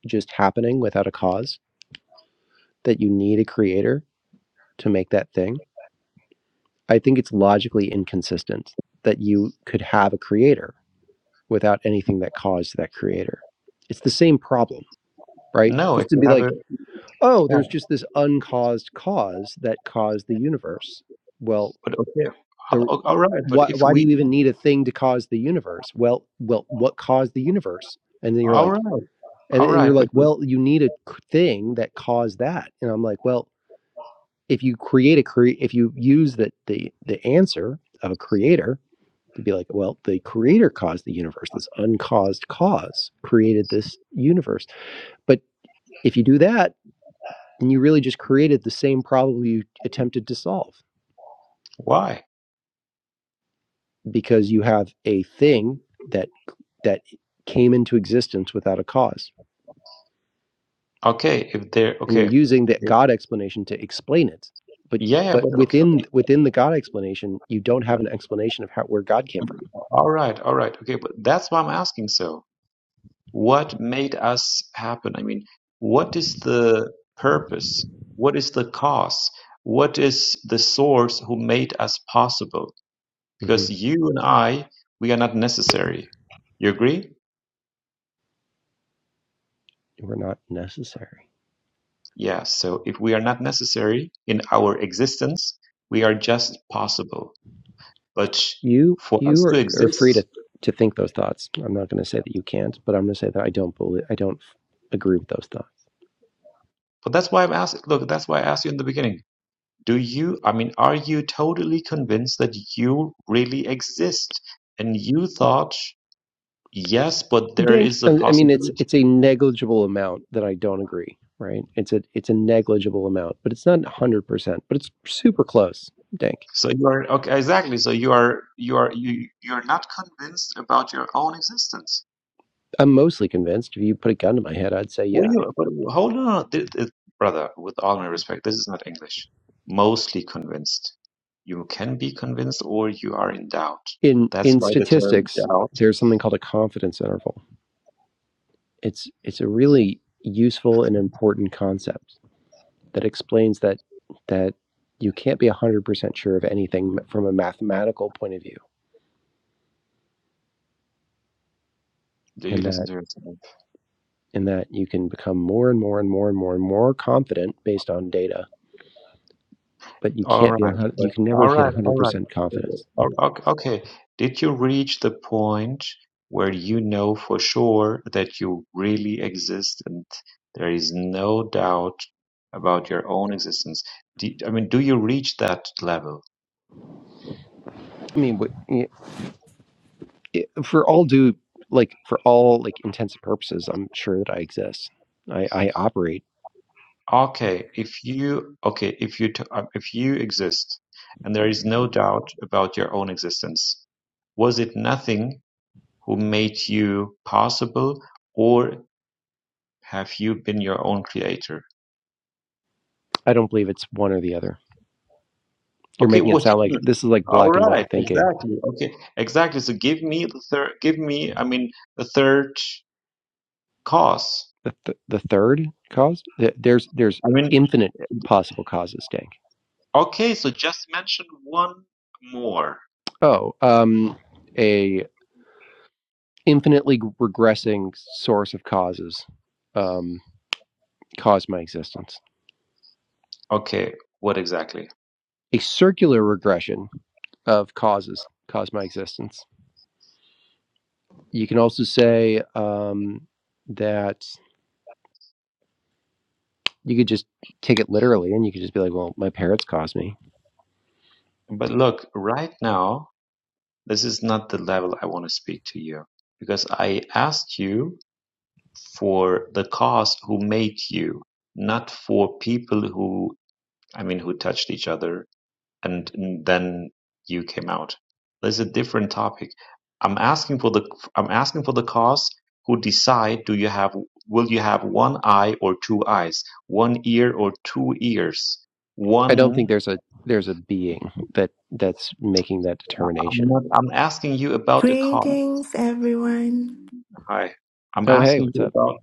Speaker 1: just happening without a cause, that you need a creator to make that thing I think it's logically inconsistent that you could have a creator without anything that caused that creator. It's the same problem, right?
Speaker 4: No, if
Speaker 1: Just to
Speaker 4: you
Speaker 1: be
Speaker 4: have a
Speaker 1: like, oh, there's just this uncaused cause that caused the universe. Well,
Speaker 4: But okay,
Speaker 1: the
Speaker 4: all all right. But
Speaker 1: why,
Speaker 4: if
Speaker 1: why do
Speaker 4: we,
Speaker 1: you even need a thing to cause the universe? Well, well, what caused the universe? And then you're
Speaker 4: all
Speaker 1: like,
Speaker 4: right,
Speaker 1: and
Speaker 4: all
Speaker 1: then you're
Speaker 4: right.
Speaker 1: like,
Speaker 4: But
Speaker 1: well, you need a thing that caused that. And I'm like, well, if you create a cre, if you use the the the answer of a creator, to be like, well, the creator caused the universe. This uncaused cause created this universe. But if you do that, then you really just created the same problem you attempted to solve
Speaker 4: why?
Speaker 1: because you have a thing that that came into existence without a cause,
Speaker 4: Okay, if they're
Speaker 1: and you're
Speaker 4: okay,
Speaker 1: using that
Speaker 4: if-
Speaker 1: God explanation to explain it. But
Speaker 4: yeah. yeah,
Speaker 1: but
Speaker 4: But okay,
Speaker 1: within
Speaker 4: okay,
Speaker 1: within the God explanation, you don't have an explanation of how where God came from.
Speaker 4: all right, all right. Okay, but that's why I'm asking. So, what made us happen? I mean, what is the purpose? What is the cause? What is the source who made us possible?
Speaker 1: hmm
Speaker 4: Because you and I, we are not necessary. You agree?
Speaker 1: We're not necessary.
Speaker 4: Yeah, so if we are not necessary in our existence, we are just possible. But
Speaker 1: You
Speaker 4: for
Speaker 1: you
Speaker 4: us to
Speaker 1: are, are free
Speaker 4: exist,
Speaker 1: to to think those thoughts. I'm not going to say that you can't, but I'm going to say that I don't believe I don't f- agree with those thoughts.
Speaker 4: but that's why I've asked, look, that's why I asked you in the beginning. Do you, I mean, are you totally convinced that you really exist? And you thought, yes, but there
Speaker 1: Dink.
Speaker 4: is a
Speaker 1: I I mean, it's
Speaker 4: possibility.
Speaker 1: it's a negligible amount that I don't agree. Right? It's a it's a negligible amount, but it's not 100, percent but it's super close. Dink.
Speaker 4: So you are, okay, exactly. So you are, you are, you, you're not convinced about your own existence.
Speaker 1: I'm mostly convinced. If you put a gun to my head, I'd say
Speaker 4: What do
Speaker 1: yeah.
Speaker 4: you, but hold on, th- th- brother, with all my respect, this is not English. Mostly convinced. You can be convinced or you are in doubt.
Speaker 1: In
Speaker 4: That's
Speaker 1: in
Speaker 4: why the term
Speaker 1: statistics,
Speaker 4: doubt.
Speaker 1: there's something called a confidence interval. It's it's a really useful and important concept that explains that that you can't be 100% sure of anything from a mathematical point of view
Speaker 4: Do you
Speaker 1: and
Speaker 4: listen
Speaker 1: that
Speaker 4: to yourself?
Speaker 1: and that you can become more and more and more and more and more confident based on data but you
Speaker 4: All
Speaker 1: can't be a
Speaker 4: right.
Speaker 1: hun- you
Speaker 4: But,
Speaker 1: can never
Speaker 4: all
Speaker 1: hit
Speaker 4: right. All right.
Speaker 1: 100% confidence
Speaker 4: But- o- Okay. Did you reach the point where you know for sure that you really exist and there is no doubt about your own existence? Do, I mean, do you reach that level?
Speaker 1: i mean for all due like for all like intents and purposes i'm sure that i exist i i operate
Speaker 4: Okay, if you okay, if you t- uh, if you exist, and there is no doubt about your own existence, was it nothing who made you possible, or have you been your own creator?
Speaker 1: i don't believe it's one or the other you're
Speaker 4: Okay,
Speaker 1: making it
Speaker 4: what?
Speaker 1: sound like this is like
Speaker 4: All
Speaker 1: black and white
Speaker 4: right,
Speaker 1: thinking
Speaker 4: exactly. Okay, exactly. So give me the third. Give me, I mean, the third cause.
Speaker 1: the, th- the third cause there's there's
Speaker 4: I mean,
Speaker 1: infinite possible causes dank
Speaker 4: okay. So just mention one more.
Speaker 1: oh um a infinitely regressing source of causes um caused my existence
Speaker 4: Okay, what exactly?
Speaker 1: a circular regression of causes caused my existence you can also say um that you could just take it literally and you could just be like well my parents caused me
Speaker 4: But look, right now. this is not the level I want to speak to you because I asked you for the cause who made you, not for people who, I mean, who touched each other and, and then you came out. There's a different topic. I'm asking for the I'm asking for the cause who decide do you have will you have one eye or two eyes, one ear or two ears,
Speaker 1: i don't
Speaker 4: one.
Speaker 1: think there's a there's a being that that's making that
Speaker 4: I'm
Speaker 1: determination
Speaker 4: not. I'm asking you about the cause.
Speaker 6: Greetings, everyone.
Speaker 4: Hi. I'm
Speaker 1: oh hey
Speaker 4: asking
Speaker 1: what's
Speaker 4: you
Speaker 1: up
Speaker 4: about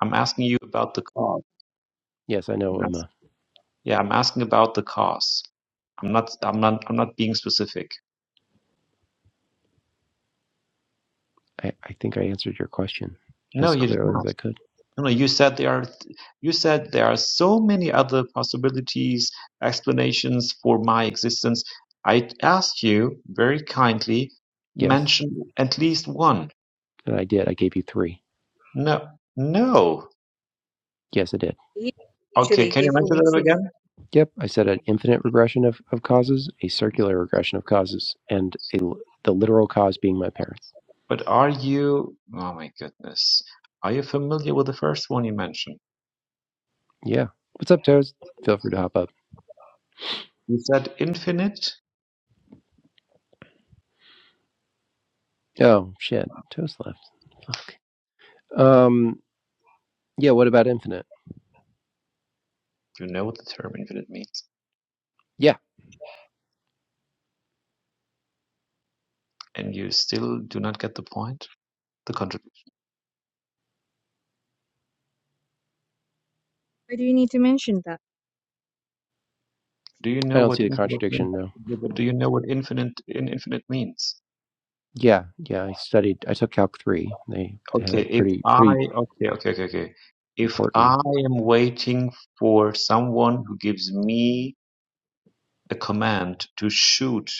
Speaker 4: I'm asking you about the cost.
Speaker 1: yes i know
Speaker 4: I'm ask,
Speaker 1: uma
Speaker 4: yeah, I'm asking about the cost. I'm not I'm not I'm not being specific.
Speaker 1: I, I think I answered your question
Speaker 4: No,
Speaker 1: as
Speaker 4: you did
Speaker 1: clearly as
Speaker 4: not.
Speaker 1: I could.
Speaker 4: No, no, you said there are th- you said there are so many other possibilities, explanations for my existence. I asked you very kindly
Speaker 1: Yes,
Speaker 4: mention at least one.
Speaker 1: and I did. I gave you three.
Speaker 4: No. No.
Speaker 1: Yes, I did.
Speaker 2: He
Speaker 4: Okay,
Speaker 2: actually
Speaker 4: can you
Speaker 2: gave
Speaker 4: mention
Speaker 2: me
Speaker 4: that again?
Speaker 2: to.
Speaker 1: Yep, I said an infinite regression of, of causes, a circular regression of causes, and a, l- the literal cause being my parents.
Speaker 4: But are you, oh my goodness, are you familiar with the first one you mentioned?
Speaker 1: Yeah. What's up, Toast? Feel free to hop up.
Speaker 4: You said infinite.
Speaker 1: Oh, shit. Toast left. Fuck. Um, yeah, what about infinite?
Speaker 4: You know what the term infinite means,
Speaker 1: Yeah,
Speaker 4: and you still do not get the point. The contradiction.
Speaker 2: Why do you need to mention that?
Speaker 4: Do you
Speaker 1: I
Speaker 4: know
Speaker 1: don't
Speaker 4: what
Speaker 1: see the
Speaker 4: infinite means?
Speaker 1: contradiction, no.
Speaker 4: Yeah, But do you know what infinite in infinite means?
Speaker 1: Yeah, yeah, I studied, I took Calc 3. they had
Speaker 4: Okay,
Speaker 1: a
Speaker 4: if
Speaker 1: pretty,
Speaker 4: I
Speaker 1: pretty
Speaker 4: okay okay okay okay, if
Speaker 1: important.
Speaker 4: I am waiting for someone who gives me a command to shoot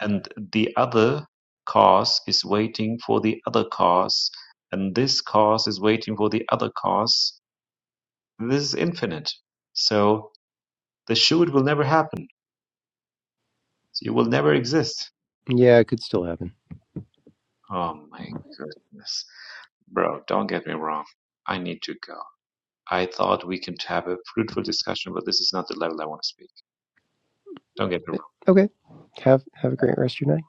Speaker 4: And the other cars is waiting for the other cars, and this cars is waiting for the other cars. This is infinite. So the shoot will never happen. So, You will never exist.
Speaker 1: Yeah, it could still happen.
Speaker 4: Oh my goodness. Bro, don't get me wrong. I need to go. I thought we can have a fruitful discussion, but this is not the level I want to speak. Don't get me wrong.
Speaker 1: Okay. Have have a great rest of your night.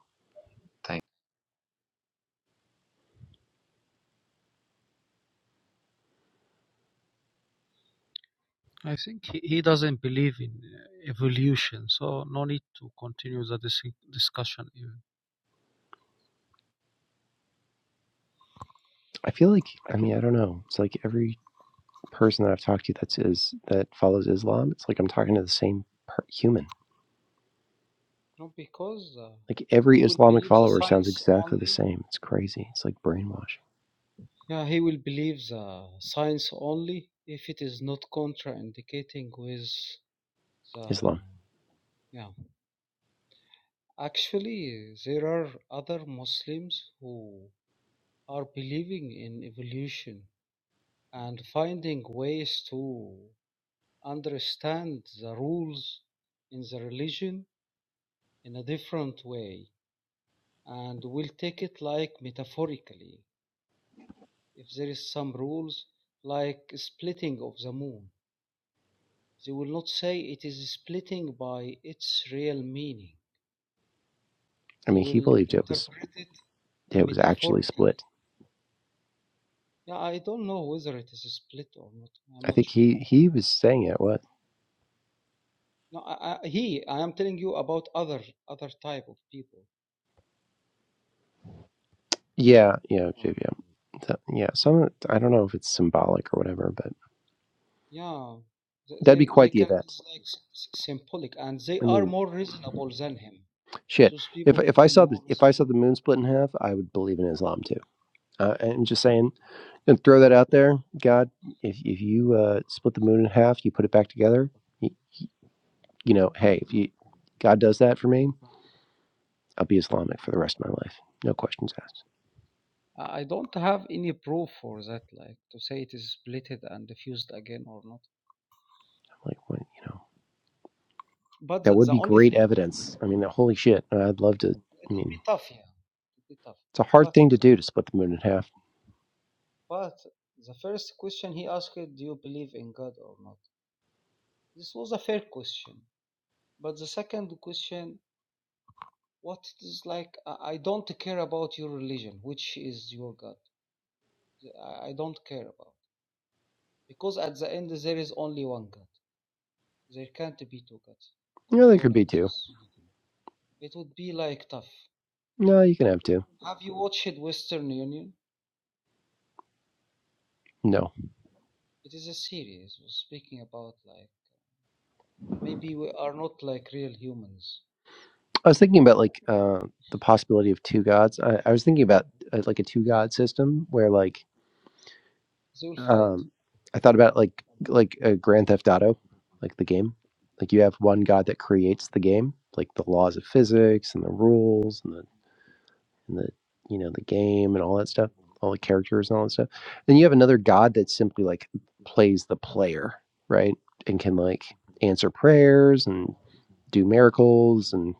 Speaker 4: Thank
Speaker 5: I think he, he doesn't believe in uh, evolution, so no need to continue the dis- discussion even.
Speaker 1: I feel like I mean, I don't know. It's like every person that I've talked to that's is that follows Islam, it's like I'm talking to the same per- human.
Speaker 5: No, because uh,
Speaker 1: Like
Speaker 5: he
Speaker 1: every
Speaker 5: will
Speaker 1: Islamic
Speaker 5: believe the
Speaker 1: follower sounds
Speaker 5: science
Speaker 1: exactly the
Speaker 5: only.
Speaker 1: same. It's crazy. It's like brainwashing
Speaker 5: Yeah, he will believe the science only if it is not contraindicating with the
Speaker 1: Islam.
Speaker 5: yeah Actually, there are other Muslims who are believing in evolution and finding ways to understand the rules in the religion in a different way and will take it like metaphorically. If there is some rules like splitting of the moon, they will not say it is splitting by its real meaning.
Speaker 1: I
Speaker 5: They
Speaker 1: mean, he
Speaker 5: will
Speaker 1: believed it was
Speaker 5: interpret it in
Speaker 1: it was actually
Speaker 5: metaphorical
Speaker 1: split.
Speaker 5: Yeah, I don't know whether it is split or not. I'm
Speaker 1: I
Speaker 5: not
Speaker 1: think
Speaker 5: sure.
Speaker 1: he he was saying it. What?
Speaker 5: No, I, I, he. I am telling you about other other type of people.
Speaker 1: Yeah, yeah, yeah. yeah. So, yeah, some I don't know if it's symbolic or whatever, but
Speaker 5: Yeah, they
Speaker 1: that'd be
Speaker 5: they, they
Speaker 1: quite the
Speaker 5: can
Speaker 1: event.
Speaker 5: it's like s- s- symbolic, and they
Speaker 1: I
Speaker 5: are
Speaker 1: mean,
Speaker 5: more reasonable than him.
Speaker 1: shit.
Speaker 5: Those
Speaker 1: If
Speaker 5: people will
Speaker 1: if I
Speaker 5: be
Speaker 1: saw the
Speaker 5: more
Speaker 1: if I saw
Speaker 5: reasonable.
Speaker 1: the moon split in half, I would believe in Islam too. Uh, and just saying, And throw that out there, God. If if you uh, split the moon in half, you put it back together. You, you know, hey, if you God does that for me, I'll be Islamic for the rest of my life. No questions asked.
Speaker 5: I I don't have any proof for that, like to say it is splitted and diffused again or not.
Speaker 1: I'm like, what, you know,
Speaker 5: But
Speaker 1: that
Speaker 5: the,
Speaker 1: would
Speaker 5: the
Speaker 1: be
Speaker 5: only
Speaker 1: great
Speaker 5: thing,
Speaker 1: evidence. I mean, holy shit. I'd love to.
Speaker 5: it
Speaker 1: I
Speaker 5: would be
Speaker 1: mean,
Speaker 5: tough, yeah, it would be tough.
Speaker 1: it's a hard
Speaker 5: But
Speaker 1: thing to do to split the moon in half.
Speaker 5: But the first question he asked, Do you believe in God or not? This was a fair question. But the second question, "What is like, I don't care about your religion, which is your God. I I don't care about. Because at the end, there is only one God. There can't be two gods
Speaker 1: No, there could be
Speaker 5: controlling
Speaker 1: two.
Speaker 5: this. It would be like tough.
Speaker 1: No, you can have two.
Speaker 5: Have you watched Western Union?
Speaker 1: No,
Speaker 5: It is a series speaking about like maybe we are not like real humans.
Speaker 1: I was thinking about like uh, the possibility of two gods. I, I was thinking about uh, like a two god system where like
Speaker 5: They will fight
Speaker 1: Um, I thought about like like uh, Grand Theft Auto, like the game. Like you have one god that creates the game, like the laws of physics and the rules and the and the you know the game and all that stuff, all the characters and all that stuff. Then you have another god that simply like plays the player, right, and can like answer prayers and do miracles and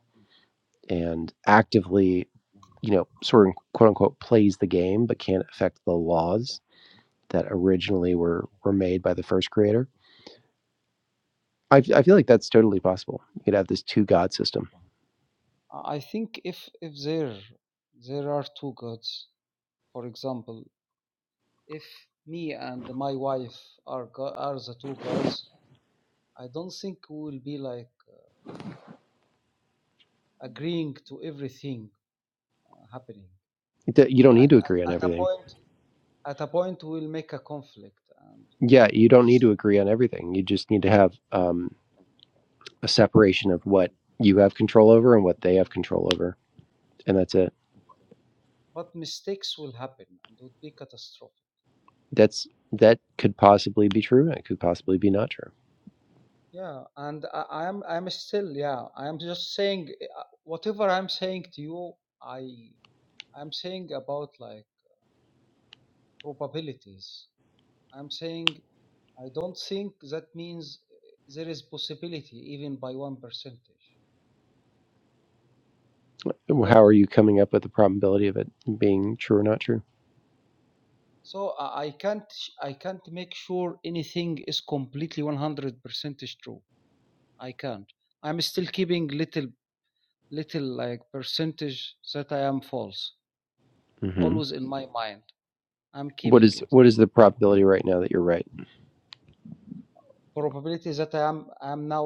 Speaker 1: and actively you know sort of quote unquote plays the game but can't affect the laws that originally were were made by the first creator I, I feel like that's totally possible. You could have this two God system.
Speaker 5: I think if if there there are two gods, for example, if me and my wife are go- are the two gods, I don't think we will be like uh, agreeing to everything uh, happening.
Speaker 1: You
Speaker 5: We,
Speaker 1: don't need
Speaker 5: at,
Speaker 1: to
Speaker 5: at
Speaker 1: agree on
Speaker 5: at a
Speaker 1: everything.
Speaker 5: point at a point we'll make a conflict, and
Speaker 1: Yeah, you don't
Speaker 5: this,
Speaker 1: need to agree on everything. You just need to have um, a separation of what you have control over and what they have control over, and that's it.
Speaker 5: but mistakes will happen and it will be catastrophic.
Speaker 1: That's that could possibly be true. and It could possibly be not true.
Speaker 5: Yeah, and I, I'm I'm still yeah I'm just saying uh, whatever I'm saying to you I I'm saying about like. probabilities. I'm saying I don't think that means uh, there is possibility even by one percentage. You got
Speaker 1: How are you coming up with the probability of it being true or not true?
Speaker 5: So I can't I can't make sure anything is completely 100 percentage true. I can't. I'm still keeping little little like percentage that I am false
Speaker 1: hmm
Speaker 5: always in my mind. I'm
Speaker 1: What
Speaker 5: keeping
Speaker 1: is
Speaker 5: it.
Speaker 1: what is the probability right now that you're right?
Speaker 5: Probability that I am I am now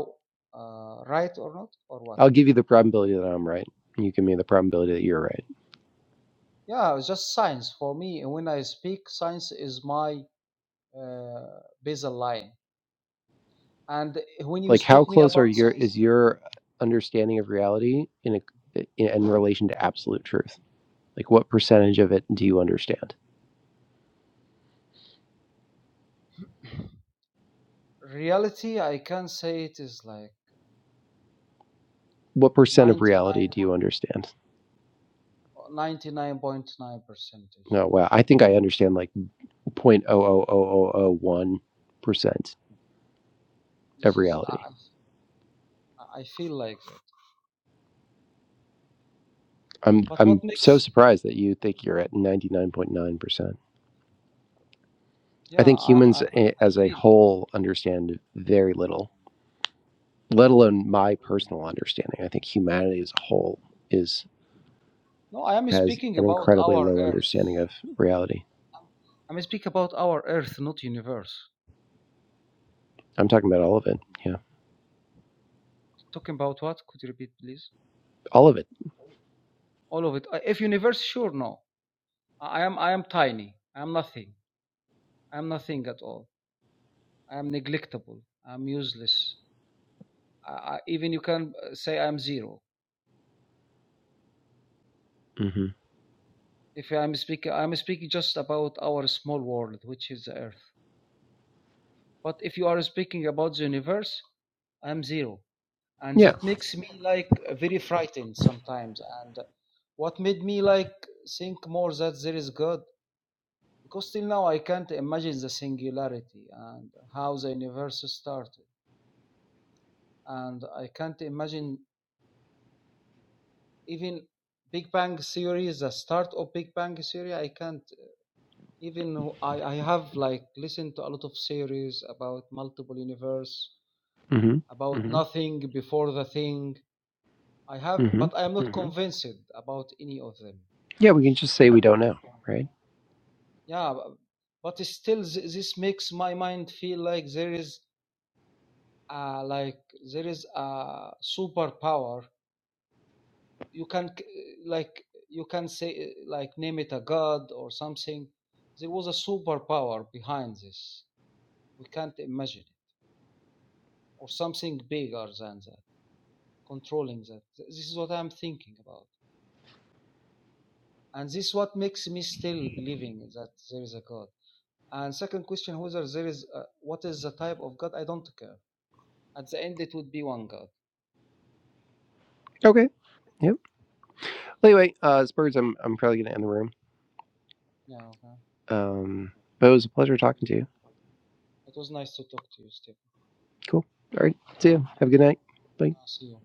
Speaker 5: uh, right or not or what?
Speaker 1: I'll give you the probability that I'm right. You give me the probability that you're right.
Speaker 5: Yeah, it's just science for me. When I speak, science is my uh, basal line. And when you
Speaker 1: like how
Speaker 5: speak me
Speaker 1: close are
Speaker 5: about
Speaker 1: your
Speaker 5: science,
Speaker 1: is your understanding of reality in a, in, in relation to absolute truth like what percentage of it do you understand
Speaker 5: reality, I can say it is like
Speaker 1: what percent of reality
Speaker 5: ninety-nine,
Speaker 1: do you understand
Speaker 5: ninety-nine point nine percentage.
Speaker 1: oh wow i think i understand like 0.00001% of
Speaker 5: This is I,
Speaker 1: reality
Speaker 5: I I feel like that.
Speaker 1: i'm
Speaker 5: But what
Speaker 1: i'm so
Speaker 5: makes?
Speaker 1: surprised that you think you're at 99.9% i
Speaker 5: Yeah,
Speaker 1: think
Speaker 5: I, I
Speaker 1: humans eh,
Speaker 5: I
Speaker 1: as a
Speaker 5: feel.
Speaker 1: whole understand very little let alone my personal understanding i think humanity as a whole is.
Speaker 5: No, I am
Speaker 1: has
Speaker 5: speaking
Speaker 1: an
Speaker 5: about
Speaker 1: incredibly
Speaker 5: our
Speaker 1: low
Speaker 5: Earth.
Speaker 1: understanding of reality.
Speaker 5: I'm speaking about our Earth, not universe.
Speaker 1: I'm talking about all of it. Yeah.
Speaker 5: Talking about what? Could you repeat, please?
Speaker 1: All of it.
Speaker 5: All of it. Uh, If universe, sure, no. I am I am tiny. I am nothing. I am nothing at all. I am neglectable. I am useless. I, I, even you can uh, say I am zero.
Speaker 1: hmm
Speaker 5: If I am speaking, I am speaking just about our small world, which is the Earth. But if you are speaking about the universe, I am zero, and
Speaker 1: Yeah.
Speaker 5: that makes me like very frightened sometimes. And what made me like think more that there is God, because till now I can't imagine the singularity and how the universe started. and I can't imagine even Big Bang Theory, the start of Big Bang Theory. I can't even. I I have like listened to a lot of series about multiple universe,
Speaker 1: hmm
Speaker 5: about nothing before the thing. I have,
Speaker 1: hmm
Speaker 5: but I am not convinced about any of them.
Speaker 1: Yeah. We can just say we don't know. Right.
Speaker 5: Yeah, but still, this makes my mind feel like there is, a like there is a superpower you can like you can say uh, like name it a god or something there was a superpower behind this we can't imagine it or something bigger than that controlling that this is what i'm thinking about and this is what makes me still believing that there is a god and second question whether there is a, what is the type of god i don't care at the end it would be one god
Speaker 1: Okay. Yep. Well, anyway, uh, as birds, I'm, I'm probably going to end the room.
Speaker 5: yeah okay.
Speaker 1: Um, but it was a pleasure talking to you.
Speaker 5: it was nice to talk to you steve
Speaker 1: Cool. All right. See you. Have a good night. Bye.
Speaker 5: I'll see you